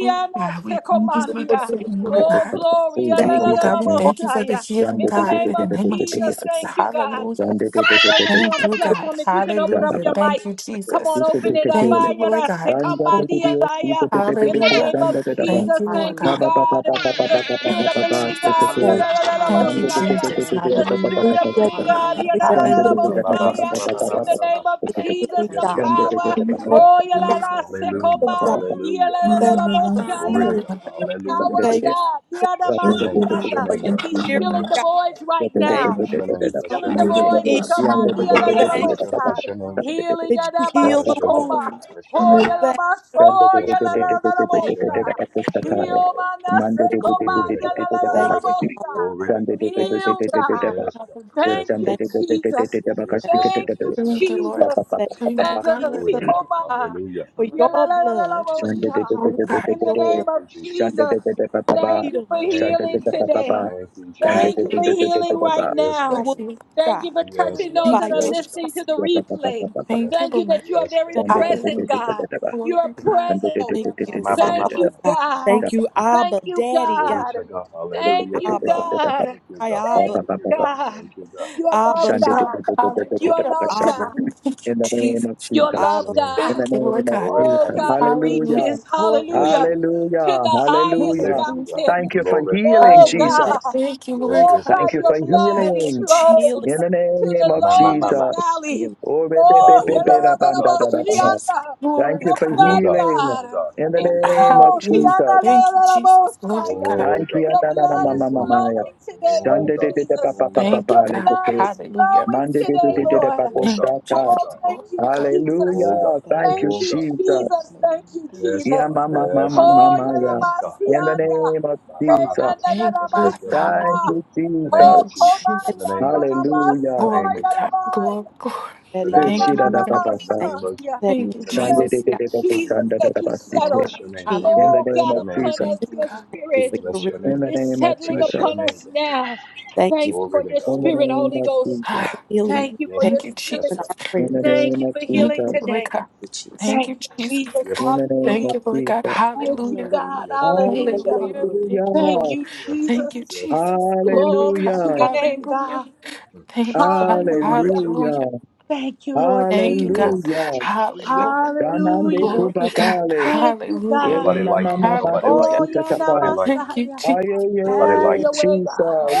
Speaker 4: Oh God, we
Speaker 1: se
Speaker 4: thank you
Speaker 5: Jesus,
Speaker 4: for
Speaker 5: for
Speaker 4: the
Speaker 1: comandia.
Speaker 5: your
Speaker 4: freedom, Lord
Speaker 5: love.
Speaker 1: Oh,
Speaker 4: God.
Speaker 1: glory. la
Speaker 7: In
Speaker 1: la
Speaker 5: Thank you.
Speaker 1: la
Speaker 4: Oh
Speaker 1: la
Speaker 7: Jesus'
Speaker 4: God,
Speaker 1: la
Speaker 4: we thank you
Speaker 1: bosha,
Speaker 4: for the
Speaker 1: yeah.
Speaker 4: healing,
Speaker 1: In the
Speaker 4: God,
Speaker 1: name
Speaker 4: in the
Speaker 1: of
Speaker 4: name of
Speaker 1: Jesus,
Speaker 4: Jesus.
Speaker 1: thank you, God.
Speaker 4: Hallelujah.
Speaker 5: Thank
Speaker 1: Come on, those of you on
Speaker 4: Thank
Speaker 1: the
Speaker 7: name.
Speaker 4: you,
Speaker 5: you.
Speaker 4: God.
Speaker 1: platform, if you can open up
Speaker 4: Hallelujah.
Speaker 1: your
Speaker 7: Stand
Speaker 1: mic,
Speaker 4: Thank you,
Speaker 1: come on,
Speaker 4: Jesus.
Speaker 5: Thank you.
Speaker 1: open it up.
Speaker 4: Thank you,
Speaker 1: Aya
Speaker 4: Lord
Speaker 1: da
Speaker 4: God.
Speaker 1: se
Speaker 5: Thank
Speaker 1: combandia, aya. In the
Speaker 4: Hallelujah.
Speaker 1: name of
Speaker 4: Thank
Speaker 1: Jesus,
Speaker 4: you, Lord
Speaker 1: thank you,
Speaker 4: God.
Speaker 11: Hallelujah.
Speaker 1: God. The
Speaker 11: Hallelujah.
Speaker 1: Spirit
Speaker 4: Thank
Speaker 1: of
Speaker 4: you,
Speaker 1: the
Speaker 11: Thank
Speaker 1: Living
Speaker 11: you,
Speaker 1: God.
Speaker 4: Jesus.
Speaker 1: yeah, la,
Speaker 11: Father.
Speaker 1: la, la, la,
Speaker 4: Thank you,
Speaker 1: bosha,
Speaker 11: Hallelujah.
Speaker 1: yeah
Speaker 4: Jesus.
Speaker 1: the
Speaker 11: Hallelujah.
Speaker 4: Hallelujah.
Speaker 5: you.
Speaker 1: spirit of
Speaker 5: Thank you. Thank
Speaker 1: God,
Speaker 11: Hallelujah,
Speaker 5: you. Thank you.
Speaker 11: Father.
Speaker 5: Thank
Speaker 4: Hallelujah.
Speaker 11: Thank you for
Speaker 4: Thank you,
Speaker 1: yadadadadabosaya,
Speaker 11: freedom,
Speaker 5: you.
Speaker 1: in
Speaker 5: Thank
Speaker 1: the
Speaker 11: Jesus.
Speaker 4: Jesus.
Speaker 1: name of
Speaker 5: you.
Speaker 1: Jesus,
Speaker 5: Healing,
Speaker 11: Thank
Speaker 1: the
Speaker 11: you,
Speaker 5: God.
Speaker 11: Father.
Speaker 1: power,
Speaker 4: Thank
Speaker 5: Thank
Speaker 11: Thank
Speaker 1: oh,
Speaker 11: you,
Speaker 5: you.
Speaker 11: Father, for keeping me.
Speaker 5: God.
Speaker 1: yalalasekoma,
Speaker 5: Thank
Speaker 1: yaladadadabosaya,
Speaker 5: you.
Speaker 1: the power
Speaker 4: you,
Speaker 1: of
Speaker 5: Thank
Speaker 4: Jesus.
Speaker 1: God.
Speaker 5: you
Speaker 1: yadamasianda.
Speaker 5: for your
Speaker 1: He's
Speaker 5: spirit,
Speaker 1: filling the
Speaker 5: God.
Speaker 1: voids right
Speaker 5: Thank
Speaker 1: now. He's
Speaker 5: you
Speaker 1: filling the
Speaker 5: for
Speaker 13: Yere
Speaker 5: that
Speaker 13: de
Speaker 1: voids.
Speaker 5: heal.
Speaker 1: He
Speaker 13: başı
Speaker 1: command
Speaker 13: yandı.
Speaker 5: Thank you
Speaker 11: Yes, thank
Speaker 1: yaladadadabosha.
Speaker 11: you, Father.
Speaker 1: healing
Speaker 5: that
Speaker 11: Thank you
Speaker 5: you
Speaker 11: so
Speaker 5: heal
Speaker 11: much,
Speaker 5: the
Speaker 11: Father.
Speaker 1: yadabasikoma.
Speaker 5: wounds.
Speaker 1: Oh,
Speaker 5: Thank
Speaker 1: yalabas-
Speaker 5: you.
Speaker 7: Mando
Speaker 1: oh,
Speaker 7: de de de de de de de
Speaker 5: Thank you.
Speaker 7: de de de
Speaker 1: yaladadadabosha.
Speaker 7: pakasta kare.
Speaker 1: Heal,
Speaker 5: Thank
Speaker 7: Mando
Speaker 5: you,
Speaker 7: de de
Speaker 5: Lord.
Speaker 7: de
Speaker 1: manasekoma,
Speaker 7: de de de de de
Speaker 5: Thank
Speaker 7: pakasta.
Speaker 5: you, Father
Speaker 1: yaladadadabosha.
Speaker 5: God.
Speaker 7: Mando de de de
Speaker 5: Thank
Speaker 7: de
Speaker 5: you,
Speaker 1: Heal,
Speaker 7: de de
Speaker 5: Jesus.
Speaker 7: de
Speaker 1: God.
Speaker 7: de pa.
Speaker 4: Hallelujah.
Speaker 1: Thank
Speaker 7: Mando de
Speaker 5: Thank
Speaker 1: you,
Speaker 7: de de de de de
Speaker 1: Jesus.
Speaker 7: de
Speaker 5: you. Thank
Speaker 7: pakasti ke de
Speaker 5: you,
Speaker 1: Thank
Speaker 7: de
Speaker 1: you,
Speaker 7: de.
Speaker 4: Thank you,
Speaker 7: Pa
Speaker 4: Lord.
Speaker 1: Jesus.
Speaker 7: pa pa
Speaker 5: thank
Speaker 7: pa pa
Speaker 5: you
Speaker 4: Thank you,
Speaker 1: Thank
Speaker 7: pa.
Speaker 1: you,
Speaker 4: God.
Speaker 5: Jesus,
Speaker 11: Thank you,
Speaker 1: Sikoma.
Speaker 11: Father.
Speaker 5: for your
Speaker 11: Hallelujah.
Speaker 5: blood,
Speaker 7: Mando de
Speaker 1: Yalalalalalalabosha.
Speaker 7: de de de
Speaker 4: Oh,
Speaker 7: de de
Speaker 4: God.
Speaker 5: for
Speaker 1: In
Speaker 7: de
Speaker 1: the
Speaker 5: your
Speaker 7: de.
Speaker 1: name
Speaker 5: blood,
Speaker 1: of
Speaker 7: Mando
Speaker 1: Jesus,
Speaker 7: de de de pa pa
Speaker 5: for
Speaker 7: pa.
Speaker 1: thank you for
Speaker 5: freedom.
Speaker 7: Mando de de
Speaker 1: healing
Speaker 7: pa pa pa.
Speaker 1: today.
Speaker 7: Mando
Speaker 5: Thank
Speaker 1: Thank
Speaker 7: de
Speaker 1: you
Speaker 7: de
Speaker 4: Thank
Speaker 1: for
Speaker 5: you.
Speaker 7: de de de
Speaker 4: you
Speaker 7: de
Speaker 1: healing
Speaker 7: pa.
Speaker 1: right
Speaker 11: Hallelujah.
Speaker 5: The
Speaker 11: Thank
Speaker 4: for
Speaker 1: now.
Speaker 5: wounds,
Speaker 11: you.
Speaker 4: healing,
Speaker 1: Thank
Speaker 4: God.
Speaker 1: you
Speaker 5: God,
Speaker 1: for touching
Speaker 11: Hallelujah.
Speaker 1: those
Speaker 4: Thank
Speaker 1: that
Speaker 5: by
Speaker 4: you,
Speaker 1: are
Speaker 11: Thank
Speaker 5: your strength.
Speaker 11: you,
Speaker 1: listening
Speaker 11: Father.
Speaker 1: to
Speaker 4: Jesus.
Speaker 1: the
Speaker 7: Ya pa pa pa pa
Speaker 1: replay.
Speaker 7: pa pa.
Speaker 4: Thank you,
Speaker 1: Thank you
Speaker 4: Lord.
Speaker 1: that you are very
Speaker 7: Mando de de de
Speaker 1: present,
Speaker 7: de
Speaker 4: Hallelujah.
Speaker 7: de
Speaker 1: God.
Speaker 7: de pa.
Speaker 4: Glory
Speaker 1: You are
Speaker 4: to God.
Speaker 7: Mando de de de
Speaker 5: Thank
Speaker 1: present.
Speaker 7: de de de de de pa. Mando de de de
Speaker 5: you,
Speaker 7: de de de de pa. Pa pa pa pa pa. Mando de de de
Speaker 1: Thank
Speaker 5: Father
Speaker 1: you,
Speaker 5: God.
Speaker 1: God.
Speaker 4: Oh,
Speaker 5: Thank you,
Speaker 4: thank
Speaker 1: Thank
Speaker 5: Abba,
Speaker 1: you,
Speaker 5: Daddy God.
Speaker 1: God. Thank you,
Speaker 5: Abba. We
Speaker 1: God.
Speaker 5: cry, Abba.
Speaker 1: Thank you, God. You are love,
Speaker 5: Abba,
Speaker 4: you, God.
Speaker 1: God.
Speaker 7: de
Speaker 1: You are
Speaker 7: de de
Speaker 4: Hallelujah.
Speaker 7: de
Speaker 1: love,
Speaker 7: pa.
Speaker 5: Abba,
Speaker 1: God.
Speaker 4: Thank
Speaker 7: in
Speaker 4: you,
Speaker 7: the name
Speaker 4: Jesus.
Speaker 7: of
Speaker 1: You are
Speaker 7: Jesus.
Speaker 1: love,
Speaker 5: Abba,
Speaker 7: In
Speaker 1: God.
Speaker 7: the
Speaker 4: Thank you, Lord
Speaker 7: name of
Speaker 4: God.
Speaker 5: thank
Speaker 1: Oh
Speaker 7: Jesus.
Speaker 5: you for
Speaker 1: God, it
Speaker 4: Hallelujah.
Speaker 7: Hallelujah.
Speaker 1: reaches,
Speaker 4: Glory, God.
Speaker 1: hallelujah, to
Speaker 7: Hallelujah.
Speaker 1: the highest
Speaker 5: the
Speaker 7: Hallelujah.
Speaker 4: Hallelujah.
Speaker 1: mountain.
Speaker 7: Thank you for healing,
Speaker 1: Oh
Speaker 4: Hallelujah.
Speaker 7: Jesus.
Speaker 1: God,
Speaker 4: Thank you,
Speaker 5: safety
Speaker 4: Lord
Speaker 5: and
Speaker 1: Oh
Speaker 4: God.
Speaker 1: God,
Speaker 7: Thank you
Speaker 1: your
Speaker 7: for
Speaker 1: blood,
Speaker 4: Thank
Speaker 1: it
Speaker 4: you,
Speaker 7: healing
Speaker 4: Jesus.
Speaker 1: flows
Speaker 5: healing,
Speaker 7: in the
Speaker 1: to the
Speaker 7: name of
Speaker 1: lowest
Speaker 7: Jesus.
Speaker 1: valley.
Speaker 5: healing
Speaker 7: Oh, be- be- be-
Speaker 1: Oh,
Speaker 7: be- be- da- ban- da-
Speaker 4: Thank
Speaker 7: da- da-
Speaker 4: you,
Speaker 7: da- da.
Speaker 4: Jesus.
Speaker 1: yalalalalaboshianda.
Speaker 7: Thank
Speaker 4: Lord
Speaker 7: you
Speaker 1: your
Speaker 4: God.
Speaker 7: for
Speaker 1: blood,
Speaker 7: healing
Speaker 1: God,
Speaker 7: in the
Speaker 1: it
Speaker 7: name of
Speaker 1: flows.
Speaker 4: Hallelujah.
Speaker 7: Jesus.
Speaker 4: Thank you, Jesus. Lord
Speaker 1: Yanalalalaboshaya.
Speaker 4: God.
Speaker 7: Thank you.
Speaker 1: Your
Speaker 7: da- da- da-
Speaker 1: blood
Speaker 7: ma- ma-
Speaker 1: is
Speaker 7: ma- ma- ya.
Speaker 1: flowing today, Lord
Speaker 7: Sunday, de- de- de- pa-
Speaker 1: Jesus.
Speaker 7: pa- pa- pa-
Speaker 4: Thank you,
Speaker 7: pa-
Speaker 1: Your
Speaker 7: le-
Speaker 4: God.
Speaker 7: de-
Speaker 1: blood
Speaker 7: de.
Speaker 1: is
Speaker 4: Hallelujah.
Speaker 1: flowing
Speaker 7: Monday, de- de-
Speaker 1: today,
Speaker 7: de- de- de-
Speaker 1: Lord.
Speaker 7: pa- po-
Speaker 4: Thank you,
Speaker 7: shaka.
Speaker 1: Oh,
Speaker 4: Jesus.
Speaker 1: thank
Speaker 4: Lord
Speaker 1: you,
Speaker 4: God.
Speaker 1: Jesus.
Speaker 11: Hallelujah.
Speaker 7: Hallelujah.
Speaker 11: Thank
Speaker 7: Thank
Speaker 11: you,
Speaker 1: Thank
Speaker 7: you,
Speaker 1: you,
Speaker 11: Jesus.
Speaker 7: Jesus.
Speaker 1: Jesus. Thank
Speaker 11: Hallelujah.
Speaker 1: you,
Speaker 11: Thank you.
Speaker 7: Yeah,
Speaker 1: Jesus.
Speaker 7: mama, mama,
Speaker 1: Oh,
Speaker 7: mama,
Speaker 11: Hallelujah.
Speaker 7: yeah.
Speaker 11: Thank you,
Speaker 7: In the
Speaker 11: Father.
Speaker 1: Yalabasianda.
Speaker 7: name of
Speaker 1: Kayanda
Speaker 7: Jesus.
Speaker 4: Thank you,
Speaker 11: Thank you,
Speaker 5: word
Speaker 4: God.
Speaker 11: Father.
Speaker 7: Thank
Speaker 1: Yalabasia.
Speaker 4: Hallelujah.
Speaker 7: you,
Speaker 4: Thank
Speaker 1: Oh,
Speaker 4: you,
Speaker 7: Jesus.
Speaker 5: that is
Speaker 4: Jesus.
Speaker 1: Komaya
Speaker 7: Hallelujah.
Speaker 1: Yalabasio
Speaker 4: Glory, God. Glory,
Speaker 1: Yalabaya.
Speaker 4: glory.
Speaker 5: setting us.
Speaker 7: Oh,
Speaker 4: Thank you,
Speaker 7: shida da
Speaker 4: Lord
Speaker 7: ba
Speaker 4: God.
Speaker 7: ba ba.
Speaker 5: Thank you for
Speaker 1: Yananamasaya.
Speaker 4: Thank
Speaker 5: setting
Speaker 4: you,
Speaker 5: me free,
Speaker 7: Shande
Speaker 1: Thank
Speaker 7: de
Speaker 4: Jesus.
Speaker 7: de
Speaker 1: you,
Speaker 5: God.
Speaker 7: de de de,
Speaker 1: Jesus,
Speaker 7: shanda da
Speaker 11: Hallelujah.
Speaker 1: that
Speaker 7: da
Speaker 1: you
Speaker 7: ba
Speaker 11: Thank you
Speaker 7: si
Speaker 4: Oh,
Speaker 11: so
Speaker 7: te.
Speaker 1: settle.
Speaker 4: God.
Speaker 11: much.
Speaker 5: me.
Speaker 7: In the
Speaker 4: Hallelujah.
Speaker 1: Oh,
Speaker 7: name
Speaker 1: God,
Speaker 7: of
Speaker 1: upon
Speaker 7: Jesus.
Speaker 1: us,
Speaker 4: Thank you,
Speaker 1: your
Speaker 4: God.
Speaker 11: Hallelujah.
Speaker 5: Thank you
Speaker 11: Thank
Speaker 5: for
Speaker 1: spirit
Speaker 11: you,
Speaker 5: your release.
Speaker 11: Father.
Speaker 7: In the
Speaker 1: is
Speaker 7: name of
Speaker 1: settling
Speaker 5: Lord.
Speaker 7: Jesus.
Speaker 1: upon us now.
Speaker 5: Thank you
Speaker 1: Thank
Speaker 5: for
Speaker 1: you for your
Speaker 7: In the
Speaker 11: Mm.
Speaker 1: spirit,
Speaker 7: name
Speaker 1: Holy
Speaker 7: of
Speaker 1: Ghost.
Speaker 7: Jesus.
Speaker 5: the
Speaker 4: Ah,
Speaker 1: Thank
Speaker 5: healing.
Speaker 1: you for
Speaker 5: Thank
Speaker 1: your
Speaker 4: Thank you,
Speaker 5: you
Speaker 4: Jesus.
Speaker 5: for
Speaker 1: spirit.
Speaker 5: our
Speaker 7: In
Speaker 5: prayers.
Speaker 7: the
Speaker 5: Thank
Speaker 1: Thank
Speaker 7: name
Speaker 1: you
Speaker 7: of
Speaker 1: for
Speaker 4: Thank
Speaker 1: healing
Speaker 4: you,
Speaker 7: Jesus.
Speaker 4: Lord
Speaker 1: today.
Speaker 4: God.
Speaker 5: you, Jesus.
Speaker 4: Thank
Speaker 1: Thank
Speaker 4: you,
Speaker 1: you,
Speaker 4: Jesus.
Speaker 1: Jesus.
Speaker 7: In the name
Speaker 1: Hallelujah.
Speaker 4: Thank
Speaker 7: of
Speaker 4: you, Lord God.
Speaker 7: Jesus.
Speaker 1: Thank you,
Speaker 4: Hallelujah.
Speaker 11: Hallelujah.
Speaker 1: God. Hallelujah.
Speaker 4: Hallelujah.
Speaker 11: Hallelujah.
Speaker 4: Thank you,
Speaker 1: Thank
Speaker 4: Lord.
Speaker 7: Hallelujah.
Speaker 1: you,
Speaker 4: Thank
Speaker 1: Jesus.
Speaker 4: you, Jesus. Glory,
Speaker 1: Glory
Speaker 4: God.
Speaker 1: to
Speaker 7: Hallelujah.
Speaker 1: your name,
Speaker 4: Hallelujah.
Speaker 1: God.
Speaker 4: Thank you, Father.
Speaker 1: Hallelujah.
Speaker 4: Hallelujah.
Speaker 7: Hallelujah.
Speaker 1: Thank you, Lord
Speaker 4: Thank you, God.
Speaker 1: Jesus.
Speaker 7: Hallelujah.
Speaker 4: Hallelujah.
Speaker 7: Danande
Speaker 1: Hallelujah.
Speaker 4: Glory, God.
Speaker 7: kubapale.
Speaker 1: Thank you,
Speaker 4: Hallelujah.
Speaker 7: Ora
Speaker 1: God.
Speaker 12: Hallelujah,
Speaker 7: mama
Speaker 12: God.
Speaker 7: mama de
Speaker 4: Hallelujah.
Speaker 1: Oh, yeah, now,
Speaker 7: sikatapa.
Speaker 4: Thank you,
Speaker 1: Messiah.
Speaker 4: Jesus.
Speaker 1: Have
Speaker 7: Aye,
Speaker 1: your way, God.
Speaker 7: Jesus.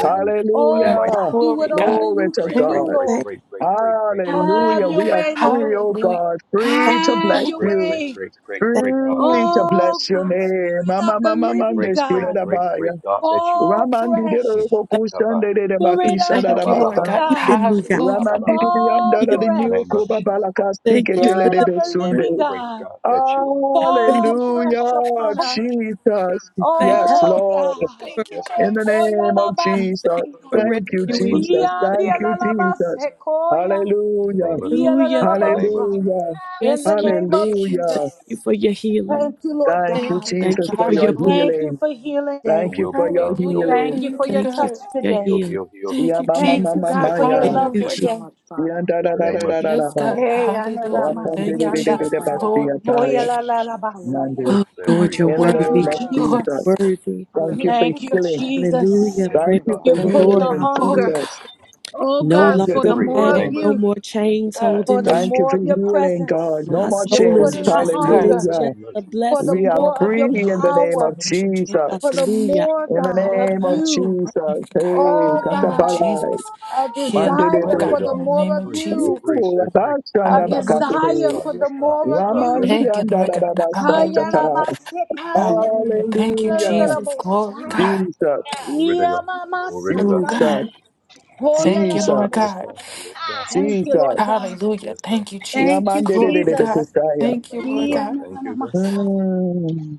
Speaker 1: Oh,
Speaker 5: Thank
Speaker 7: Hallelujah.
Speaker 1: God, do what
Speaker 4: Glory,
Speaker 5: you,
Speaker 1: only
Speaker 4: God.
Speaker 7: Glory
Speaker 1: you
Speaker 7: to
Speaker 1: can
Speaker 4: Thank you.
Speaker 1: do,
Speaker 7: God.
Speaker 1: Lord.
Speaker 5: thank,
Speaker 1: Have
Speaker 7: Hallelujah.
Speaker 1: your
Speaker 7: We are
Speaker 1: way, Lord.
Speaker 7: free, oh
Speaker 4: Hallelujah.
Speaker 7: God.
Speaker 5: thank,
Speaker 7: Free to
Speaker 1: Have
Speaker 7: bless
Speaker 1: your
Speaker 7: you.
Speaker 1: way.
Speaker 5: thank
Speaker 7: Free to
Speaker 1: Oh,
Speaker 7: bless your
Speaker 1: God,
Speaker 7: name.
Speaker 1: Spirit
Speaker 7: Mama
Speaker 1: of the
Speaker 7: mama
Speaker 1: living
Speaker 7: mande
Speaker 1: God.
Speaker 7: sikatapa.
Speaker 5: you,
Speaker 1: Fall
Speaker 7: Ramandi de
Speaker 1: fresh.
Speaker 7: robo
Speaker 5: thank
Speaker 7: kushande de de
Speaker 5: you,
Speaker 1: Spirit of
Speaker 7: bakisha
Speaker 5: thank
Speaker 7: da
Speaker 1: the
Speaker 4: Thank
Speaker 7: da
Speaker 4: you, Lord
Speaker 1: living
Speaker 7: basa.
Speaker 4: God.
Speaker 5: you,
Speaker 1: God.
Speaker 5: keeping me, God.
Speaker 4: Hallelujah.
Speaker 7: Ramandi de de
Speaker 5: For
Speaker 1: Fall
Speaker 7: da
Speaker 5: healing.
Speaker 7: de nioko
Speaker 1: fresh.
Speaker 7: babalaka
Speaker 5: Thank you
Speaker 7: siketele
Speaker 5: for
Speaker 1: Spirit
Speaker 7: de
Speaker 1: of the
Speaker 5: delivering.
Speaker 1: living
Speaker 7: besunde.
Speaker 1: God,
Speaker 5: Thank,
Speaker 1: fall
Speaker 5: you.
Speaker 7: Hallelujah,
Speaker 1: fresh upon us.
Speaker 7: Jesus.
Speaker 5: thank
Speaker 7: Yes,
Speaker 5: you
Speaker 1: Oh
Speaker 7: Lord.
Speaker 1: God.
Speaker 5: for
Speaker 4: Thank you,
Speaker 7: In
Speaker 4: God.
Speaker 7: the
Speaker 1: Koya
Speaker 7: name of
Speaker 4: Thank
Speaker 7: Jesus.
Speaker 5: thank you
Speaker 1: labasaya.
Speaker 5: for
Speaker 7: Thank you,
Speaker 4: you,
Speaker 5: rescuing me.
Speaker 7: Jesus.
Speaker 5: Thank
Speaker 7: Thank
Speaker 1: Yandia
Speaker 7: you,
Speaker 5: you,
Speaker 7: Jesus.
Speaker 1: lalabase koya.
Speaker 7: Hallelujah.
Speaker 5: hallelujah,
Speaker 1: Yalalalabosa.
Speaker 7: Hallelujah.
Speaker 5: for
Speaker 1: In the
Speaker 5: rescue.
Speaker 1: name of
Speaker 5: Thank
Speaker 4: Jesus.
Speaker 7: Hallelujah.
Speaker 5: you
Speaker 1: Jesus.
Speaker 5: for your healing.
Speaker 1: Thank you, Lord
Speaker 7: Thank you,
Speaker 4: Thank
Speaker 1: God.
Speaker 4: you, God.
Speaker 5: Thank
Speaker 7: Jesus,
Speaker 5: you
Speaker 7: for
Speaker 5: for
Speaker 7: your
Speaker 5: your blood.
Speaker 4: Hallelujah.
Speaker 7: healing. Thank you for your
Speaker 4: Hallelujah.
Speaker 1: Thank
Speaker 7: healing.
Speaker 4: Thank you,
Speaker 5: Thank you
Speaker 4: God.
Speaker 5: for your
Speaker 1: you Lord.
Speaker 5: healing.
Speaker 4: Thank
Speaker 7: Yeah,
Speaker 4: you,
Speaker 7: ma, ma, ma, ma,
Speaker 4: Jesus.
Speaker 7: ma, yeah.
Speaker 5: Thank
Speaker 11: Thank
Speaker 5: you,
Speaker 11: you
Speaker 4: Hallelujah.
Speaker 5: Jesus.
Speaker 11: so much,
Speaker 7: Yeah,
Speaker 11: Father.
Speaker 7: da, da, da, da, da,
Speaker 11: Thank you,
Speaker 7: da, da,
Speaker 4: Yes,
Speaker 7: da.
Speaker 11: Father.
Speaker 4: God. Hallelujah.
Speaker 7: Awesome, da,
Speaker 11: Hallelujah.
Speaker 4: Thank
Speaker 7: da,
Speaker 4: you,
Speaker 7: da, da, da, da,
Speaker 4: Jesus.
Speaker 11: Thank
Speaker 7: ba,
Speaker 11: you,
Speaker 7: see,
Speaker 11: Father.
Speaker 4: Glory.
Speaker 7: attire.
Speaker 11: Hallelujah.
Speaker 7: Monday.
Speaker 4: Glory,
Speaker 5: Oh
Speaker 4: God.
Speaker 5: Lord, you're
Speaker 7: In
Speaker 11: Hallelujah.
Speaker 7: the
Speaker 5: worthy.
Speaker 7: name
Speaker 5: God.
Speaker 7: of
Speaker 11: Hallelujah.
Speaker 4: Glory,
Speaker 7: Jesus.
Speaker 5: You're
Speaker 4: God.
Speaker 5: worthy.
Speaker 7: Thank you
Speaker 4: Thank
Speaker 1: Thank
Speaker 11: Hallelujah.
Speaker 7: for
Speaker 4: you, God.
Speaker 7: healing.
Speaker 11: Hallelujah.
Speaker 5: Hallelujah.
Speaker 11: Thank
Speaker 7: Thank
Speaker 5: Praise
Speaker 11: you,
Speaker 7: you for
Speaker 5: the
Speaker 11: Father.
Speaker 5: Lord.
Speaker 7: healing,
Speaker 5: I'm
Speaker 4: Oh,
Speaker 5: free.
Speaker 7: Jesus.
Speaker 4: God.
Speaker 5: No
Speaker 7: Thank you for
Speaker 5: longer bound.
Speaker 4: Thank
Speaker 7: healing.
Speaker 4: you,
Speaker 5: No
Speaker 1: you
Speaker 5: more
Speaker 11: Thank you
Speaker 5: chains
Speaker 11: for
Speaker 4: God.
Speaker 1: for the
Speaker 5: holding me.
Speaker 7: Thank
Speaker 11: liberation.
Speaker 7: you for healing,
Speaker 11: Thank you for
Speaker 7: God. No
Speaker 5: My
Speaker 11: freedom,
Speaker 7: more
Speaker 11: Jesus.
Speaker 5: soul
Speaker 7: chains.
Speaker 4: Sound
Speaker 5: is
Speaker 4: it,
Speaker 11: Thank
Speaker 4: Lord
Speaker 11: you,
Speaker 5: rested.
Speaker 4: God.
Speaker 5: It's
Speaker 11: Father.
Speaker 1: hunger,
Speaker 7: Hallelujah.
Speaker 5: just a
Speaker 1: for the
Speaker 7: We
Speaker 5: blessing.
Speaker 7: are
Speaker 5: Praise
Speaker 4: Oh,
Speaker 1: more of
Speaker 4: God.
Speaker 7: free
Speaker 1: your
Speaker 4: in the
Speaker 7: in
Speaker 5: the
Speaker 7: the name of
Speaker 1: power,
Speaker 4: Procrastination,
Speaker 7: Jesus.
Speaker 5: Lord.
Speaker 4: Jesus.
Speaker 1: for the
Speaker 5: Hallelujah.
Speaker 1: more,
Speaker 7: In the
Speaker 1: God,
Speaker 4: Oh,
Speaker 1: of
Speaker 7: name
Speaker 4: God.
Speaker 7: of
Speaker 1: you.
Speaker 4: Number, thank
Speaker 7: Jesus.
Speaker 4: you, God. In
Speaker 7: Hey,
Speaker 1: Oh
Speaker 4: the name of
Speaker 1: God,
Speaker 7: katapalai,
Speaker 4: Jesus.
Speaker 1: a
Speaker 4: Healing, Lord
Speaker 1: desire
Speaker 7: mandedede.
Speaker 1: for
Speaker 4: God.
Speaker 1: the
Speaker 4: In the
Speaker 1: more
Speaker 4: name
Speaker 1: of
Speaker 4: of Jesus.
Speaker 1: you.
Speaker 7: Ooh,
Speaker 1: a
Speaker 7: rabashanda
Speaker 4: Hallelujah.
Speaker 1: desire
Speaker 7: bakatede.
Speaker 1: for the more of you.
Speaker 7: Ramandi
Speaker 4: Thank you, Lord God. Hallelujah.
Speaker 7: andadadabasatata.
Speaker 1: Kayalabasekandia,
Speaker 4: Hallelujah.
Speaker 7: Hallelujah.
Speaker 4: Thank you, Jesus. Glory,
Speaker 1: lalalabosha,
Speaker 4: God.
Speaker 7: Jesus,
Speaker 4: Oh,
Speaker 7: Jesus,
Speaker 1: yamamasakandia,
Speaker 4: God.
Speaker 5: Thank
Speaker 4: Thank you, Lord
Speaker 7: Jesus,
Speaker 1: hoyalalabosha.
Speaker 4: God.
Speaker 1: Thank you,
Speaker 7: Jesus.
Speaker 1: Lord God.
Speaker 4: Hallelujah. Thank you,
Speaker 1: Thank
Speaker 4: Jesus.
Speaker 1: you,
Speaker 4: Glory,
Speaker 7: Yamandedede
Speaker 4: God.
Speaker 1: Jesus.
Speaker 7: kusaya.
Speaker 4: Thank you, Lord God.
Speaker 1: Yamamamamasa,
Speaker 7: Mm.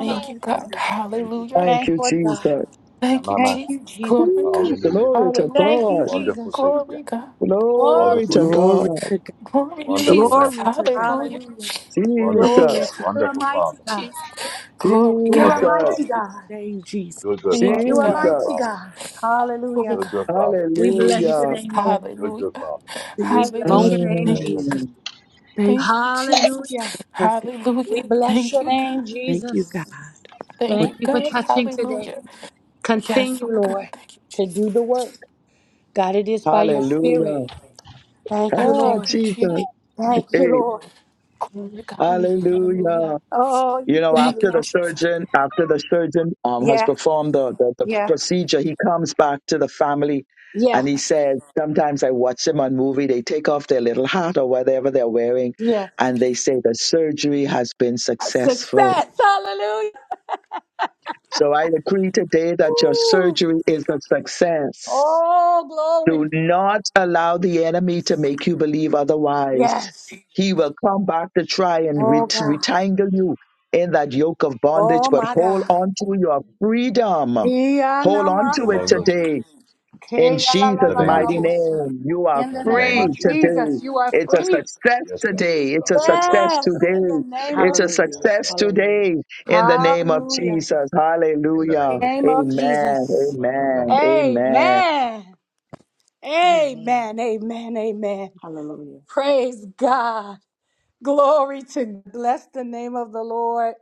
Speaker 4: Thank you, God. Hallelujah.
Speaker 7: Thank
Speaker 1: Thank
Speaker 7: you,
Speaker 1: Lord God.
Speaker 7: Jesus.
Speaker 4: Thank you,
Speaker 1: Thank
Speaker 4: Jesus.
Speaker 1: you, Jesus.
Speaker 4: Glory,
Speaker 7: Woo,
Speaker 4: God.
Speaker 7: glory to
Speaker 4: Hallelujah.
Speaker 1: Thank you,
Speaker 7: God.
Speaker 1: Jesus.
Speaker 4: Glory, God.
Speaker 1: Oh,
Speaker 7: Glory
Speaker 5: you.
Speaker 7: to
Speaker 1: Jesus,
Speaker 5: Glory
Speaker 7: God.
Speaker 5: to God.
Speaker 4: Glory,
Speaker 1: you're a
Speaker 4: Jesus.
Speaker 1: good
Speaker 5: Glory
Speaker 1: God.
Speaker 5: to God.
Speaker 4: Hallelujah.
Speaker 1: Hallelujah.
Speaker 4: Thank you,
Speaker 5: Glory
Speaker 7: Jesus.
Speaker 4: God.
Speaker 5: to
Speaker 1: You're a mighty God.
Speaker 4: Jesus. Glory,
Speaker 5: glory
Speaker 1: You're
Speaker 4: God.
Speaker 1: a
Speaker 5: to
Speaker 7: Jesus.
Speaker 1: mighty
Speaker 5: your
Speaker 1: God.
Speaker 5: name, Jesus.
Speaker 4: Thank you,
Speaker 1: You're a
Speaker 4: God.
Speaker 1: mighty
Speaker 7: Jesus.
Speaker 1: God.
Speaker 4: Oh,
Speaker 1: Hallelujah.
Speaker 4: God.
Speaker 1: We
Speaker 4: Thank you,
Speaker 1: bless your
Speaker 7: Hallelujah.
Speaker 4: Jesus.
Speaker 1: name, Lord.
Speaker 4: Hallelujah.
Speaker 5: In
Speaker 1: We
Speaker 5: this
Speaker 1: bless
Speaker 5: moment,
Speaker 1: your name,
Speaker 4: Hallelujah.
Speaker 1: Jesus.
Speaker 7: Mm,
Speaker 5: thank
Speaker 4: Thank
Speaker 5: you.
Speaker 4: you, Jesus.
Speaker 1: Hallelujah.
Speaker 5: you perfect.
Speaker 1: We
Speaker 4: Hallelujah.
Speaker 1: bless
Speaker 4: Thank
Speaker 1: your
Speaker 4: you, God.
Speaker 1: name,
Speaker 5: Thank you,
Speaker 1: Jesus.
Speaker 5: God.
Speaker 4: Thank
Speaker 1: Thank
Speaker 4: you,
Speaker 1: you for
Speaker 4: God.
Speaker 1: touching today.
Speaker 4: Hallelujah. Yes, oh
Speaker 1: Continue,
Speaker 4: my God.
Speaker 1: Lord,
Speaker 4: Thank you,
Speaker 1: to
Speaker 4: Jesus.
Speaker 1: do the work. God, it is by your spirit.
Speaker 7: hallelujah.
Speaker 1: Thank
Speaker 4: I
Speaker 1: you,
Speaker 7: Ah,
Speaker 4: thank
Speaker 1: Lord.
Speaker 4: you,
Speaker 7: Jesus.
Speaker 4: Jesus.
Speaker 1: Thank you,
Speaker 7: Hey,
Speaker 1: Lord.
Speaker 4: Glory to God.
Speaker 7: hallelujah.
Speaker 4: Hallelujah.
Speaker 1: Oh,
Speaker 7: You
Speaker 1: you
Speaker 7: know,
Speaker 4: Thank
Speaker 1: brought
Speaker 7: after
Speaker 4: you,
Speaker 7: the
Speaker 1: laughter.
Speaker 4: Jesus.
Speaker 7: surgeon, after the surgeon um, has performed the, the, the procedure, he comes back to the family
Speaker 1: Yeah,
Speaker 7: and he says, sometimes I watch them on movie, they take off their little hat or whatever they're wearing
Speaker 1: yeah.
Speaker 7: and they say the surgery has been successful.
Speaker 1: Success. Hallelujah.
Speaker 7: So I decree today that your
Speaker 1: Ooh.
Speaker 7: surgery is a success.
Speaker 1: Glory.
Speaker 7: Do not allow the enemy to make you believe otherwise.
Speaker 1: Yes.
Speaker 7: He will come back to try and
Speaker 1: Oh,
Speaker 7: ret-
Speaker 1: God.
Speaker 7: retangle you in that yoke of bondage,
Speaker 1: Oh,
Speaker 7: but
Speaker 1: my
Speaker 7: hold
Speaker 1: God.
Speaker 7: on to your freedom. Hold on to it
Speaker 1: Yeah,
Speaker 7: today. In
Speaker 1: Hey, la, la, la,
Speaker 7: Jesus'
Speaker 1: la, la, la,
Speaker 7: mighty
Speaker 1: bosha.
Speaker 7: name, you are
Speaker 1: In the name
Speaker 7: free
Speaker 1: of
Speaker 7: today.
Speaker 1: Jesus, you are
Speaker 7: It's a
Speaker 1: free.
Speaker 7: success today. It's a success
Speaker 1: Yes, in the
Speaker 7: today.
Speaker 1: name
Speaker 7: It's
Speaker 1: of
Speaker 7: a
Speaker 1: Jesus.
Speaker 11: Hallelujah.
Speaker 7: success
Speaker 11: Hallelujah.
Speaker 7: today in the name of
Speaker 1: Hallelujah.
Speaker 7: Jesus. Hallelujah.
Speaker 1: Name of
Speaker 7: Amen.
Speaker 1: Jesus.
Speaker 7: Amen. Amen.
Speaker 1: Amen.
Speaker 11: Amen.
Speaker 1: Amen. Amen. Amen.
Speaker 11: Hallelujah.
Speaker 1: Praise God. Glory to bless the name of the Lord.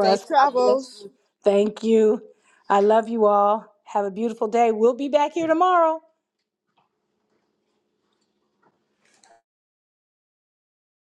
Speaker 2: Safe travels.